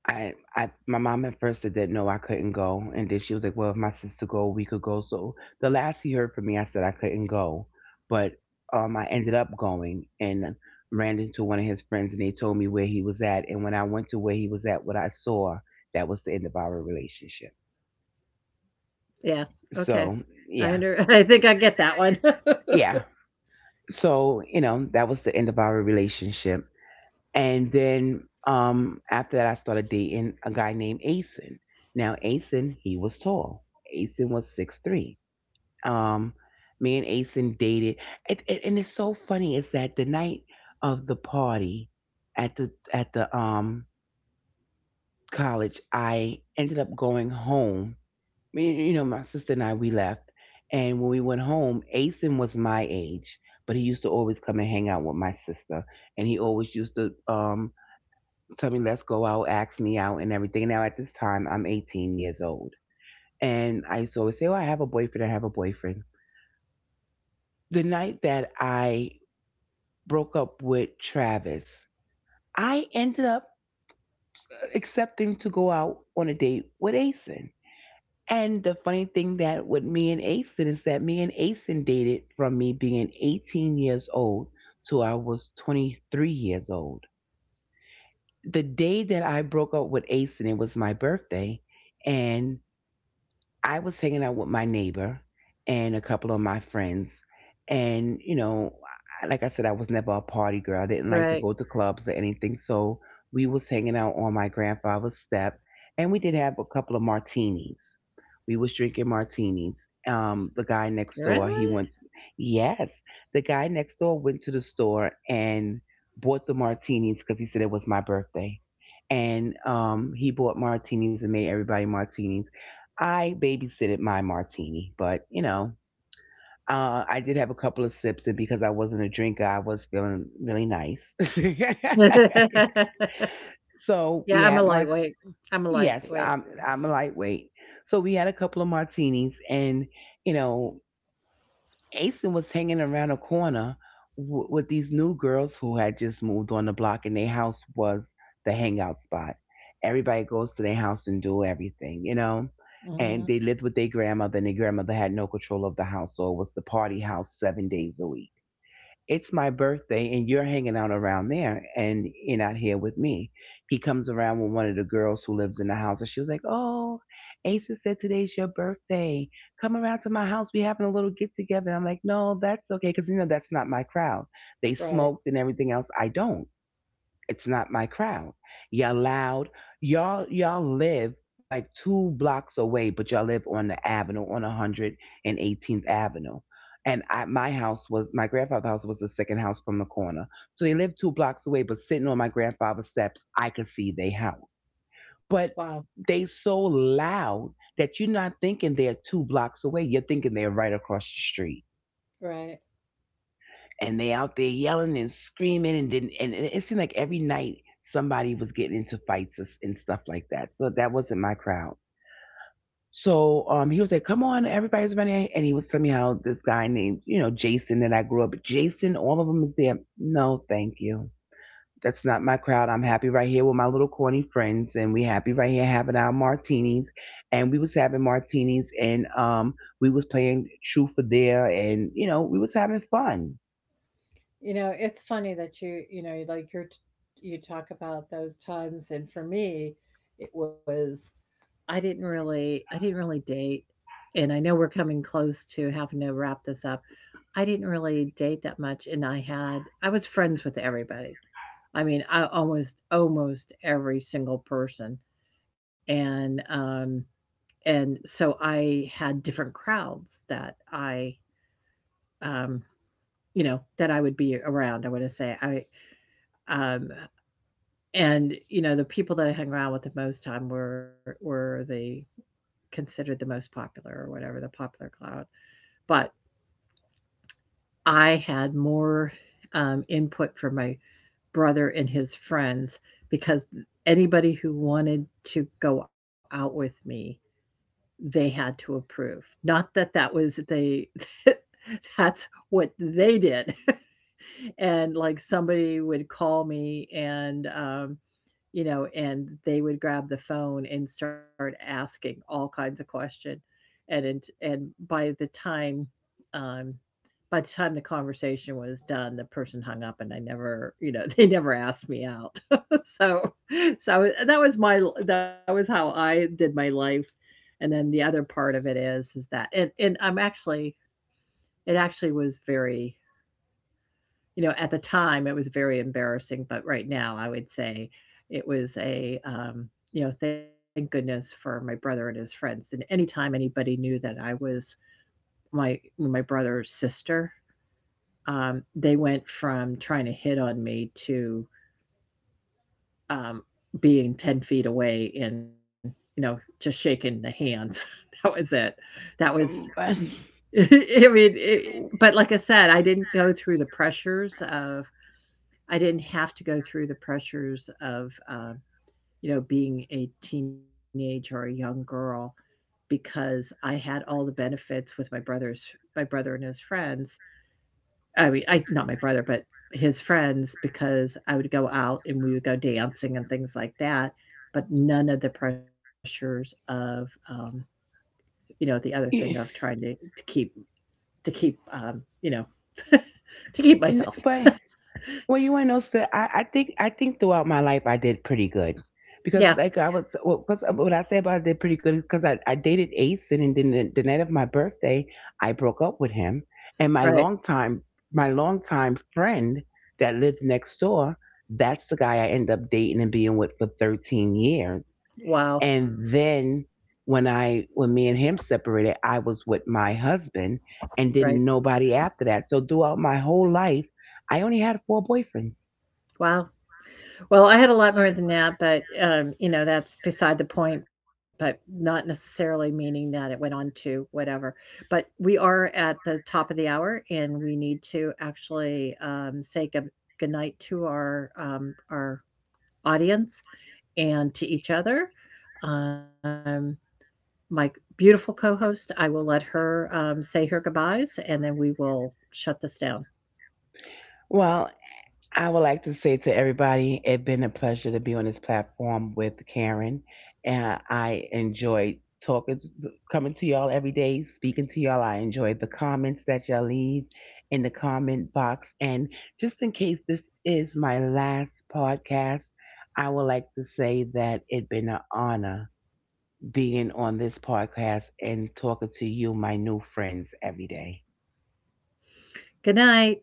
[SPEAKER 2] I, I, my mom at first said that no, I couldn't go, and then she was like, well, if my sister go, we could go. So the last he heard from me, I said I couldn't go, but I ended up going and ran into one of his friends, and they told me where he was at, and when I went to where he was at, what I saw, that was the end of our relationship.
[SPEAKER 1] Yeah. Okay.
[SPEAKER 2] So
[SPEAKER 1] I
[SPEAKER 2] yeah,
[SPEAKER 1] under. I think I get that one.
[SPEAKER 2] yeah. So that was the end of our relationship. And then after that, I started dating a guy named Asen. Now Asen, he was tall. Asen was 6'3". um Me and Asen dated, and it's so funny is that the night of the party at the college, I ended up going home. My sister and I, we left. And when we went home, Asen was my age, but he used to always come and hang out with my sister. And he always used to tell me, let's go out, ask me out, and everything. Now, at this time, I'm 18 years old. And I used to always say, "Oh, I have a boyfriend, I have a boyfriend." The night that I broke up with Travis, I ended up accepting to go out on a date with Asen. And the funny thing that with me and Asen is that me and Asen dated from me being 18 years old to I was 23 years old. The day that I broke up with Asen, it was my birthday, and I was hanging out with my neighbor and a couple of my friends. And, you know, like I said, I was never a party girl. I didn't like to
[SPEAKER 1] right.
[SPEAKER 2] go to clubs or anything. So we was hanging out on my grandfather's step, and we did have a couple of martinis. We was drinking martinis. The guy next
[SPEAKER 1] Really?
[SPEAKER 2] door, he went, yes, the guy next door went to the store and bought the martinis because he said it was my birthday. And he bought martinis and made everybody martinis. I babysitted my martini, but you know, I did have a couple of sips, and because I wasn't a drinker, I was feeling really nice. So
[SPEAKER 1] yeah,
[SPEAKER 2] we
[SPEAKER 1] I'm a
[SPEAKER 2] had my,
[SPEAKER 1] lightweight. I'm a
[SPEAKER 2] yes,
[SPEAKER 1] lightweight.
[SPEAKER 2] I'm a lightweight. So we had a couple of martinis, and you know, Asen was hanging around a corner with these new girls who had just moved on the block, and their house was the hangout spot. Everybody goes to their house and do everything, you know.
[SPEAKER 1] Mm-hmm.
[SPEAKER 2] And they lived with their grandmother, and their grandmother had no control of the house, so it was the party house 7 days a week. It's my birthday and you're hanging out around there and you're not here with me. He comes around with one of the girls who lives in the house and she was like, "Oh, Asa said today's your birthday. Come around to my house. We're having a little get together." And I'm like, "No, that's okay." Cause you know, that's not my crowd. They
[SPEAKER 1] Right.
[SPEAKER 2] smoked and everything else. I don't. It's not my crowd. Y'all loud. Y'all live like two blocks away, but y'all live on the avenue, on 118th Avenue. And my house was, my grandfather's house was the second house from the corner. So they lived two blocks away, but sitting on my grandfather's steps, I could see their house. But
[SPEAKER 1] Wow.
[SPEAKER 2] they so loud that you're not thinking they're two blocks away. You're thinking they're right across the street,
[SPEAKER 1] Right.
[SPEAKER 2] and they out there yelling and screaming and didn't, and it seemed like every night somebody was getting into fights and stuff like that. So that wasn't my crowd. So he was like, "Come on, everybody's running," and he was telling me how this guy named, you know, Jason that I grew up with, Jason, all of them is there. No, thank you. That's not my crowd. I'm happy right here with my little corny friends and we happy right here having our martinis. And we was having martinis and we was playing truth or dare and you know, we was having fun.
[SPEAKER 1] You know, it's funny that you know, like you're you talk about those times, and for me it was, I didn't really date, and I know we're coming close to having to wrap this up. I didn't really date that much, and I had, I was friends with everybody. I mean, I almost every single person, and and so I had different crowds that I, um you know, that I would be around. I want to say I, um and, you know, the people that I hung around with the most time were the considered the most popular or whatever, the popular crowd. But I had more, input from my brother and his friends because anybody who wanted to go out with me, they had to approve. Not that that was the, that's what they did. And, like, somebody would call me and, you know, and they would grab the phone and start asking all kinds of questions, and um, by the time the conversation was done, the person hung up, and I never, you know, they never asked me out. So, that was my, that was how I did my life. And then the other part of it is that, and I'm actually, it actually was very, you know, at the time, it was very embarrassing, but right now, I would say it was a, you know, thank goodness for my brother and his friends. And anytime anybody knew that I was my, my brother's sister, they went from trying to hit on me to um, being 10 feet away, and you know, just shaking the hands. that was it. That was. I mean, it, but like I said, I didn't go through the pressures of, I didn't have to go through the pressures of, you know, being a teenage or a young girl because I had all the benefits with my brother's, my brother and his friends. I mean, I, not my brother, but his friends, because I would go out and we would go dancing and things like that, but none of the pressures of, you know, the other thing of
[SPEAKER 2] Yeah,
[SPEAKER 1] trying to keep, to keep, you know, to keep myself.
[SPEAKER 2] but well, you want to know? So I think throughout my life I did pretty good, because
[SPEAKER 1] yeah,
[SPEAKER 2] like I was, well, cause what I say about I did pretty good because I dated Ace and then the night of my birthday I broke up with him, and my
[SPEAKER 1] right.
[SPEAKER 2] long time, my long time friend that lived next door, that's the guy I ended up dating and being with for 13 years.
[SPEAKER 1] Wow,
[SPEAKER 2] And then when me and him separated, I was with my husband and
[SPEAKER 1] right.
[SPEAKER 2] didn't nobody after that. So throughout my whole life, I only had four boyfriends.
[SPEAKER 1] Wow. Well, I had a lot more than that, but, you know, that's beside the point, but not necessarily meaning that it went on to whatever. But we are at the top of the hour, and we need to actually say good, goodnight to our, our audience and to each other. Um, my beautiful co-host, I will let her, say her goodbyes, and then we will shut this down.
[SPEAKER 2] Well, I would like to say to everybody, it's been a pleasure to be on this platform with Karen, and I enjoyed talking, coming to y'all every day, speaking to y'all. I enjoyed the comments that y'all leave in the comment box, and just in case this is my last podcast, I would like to say that it's been an honor being on this podcast and talking to you, my new friends, every day.
[SPEAKER 1] Good night.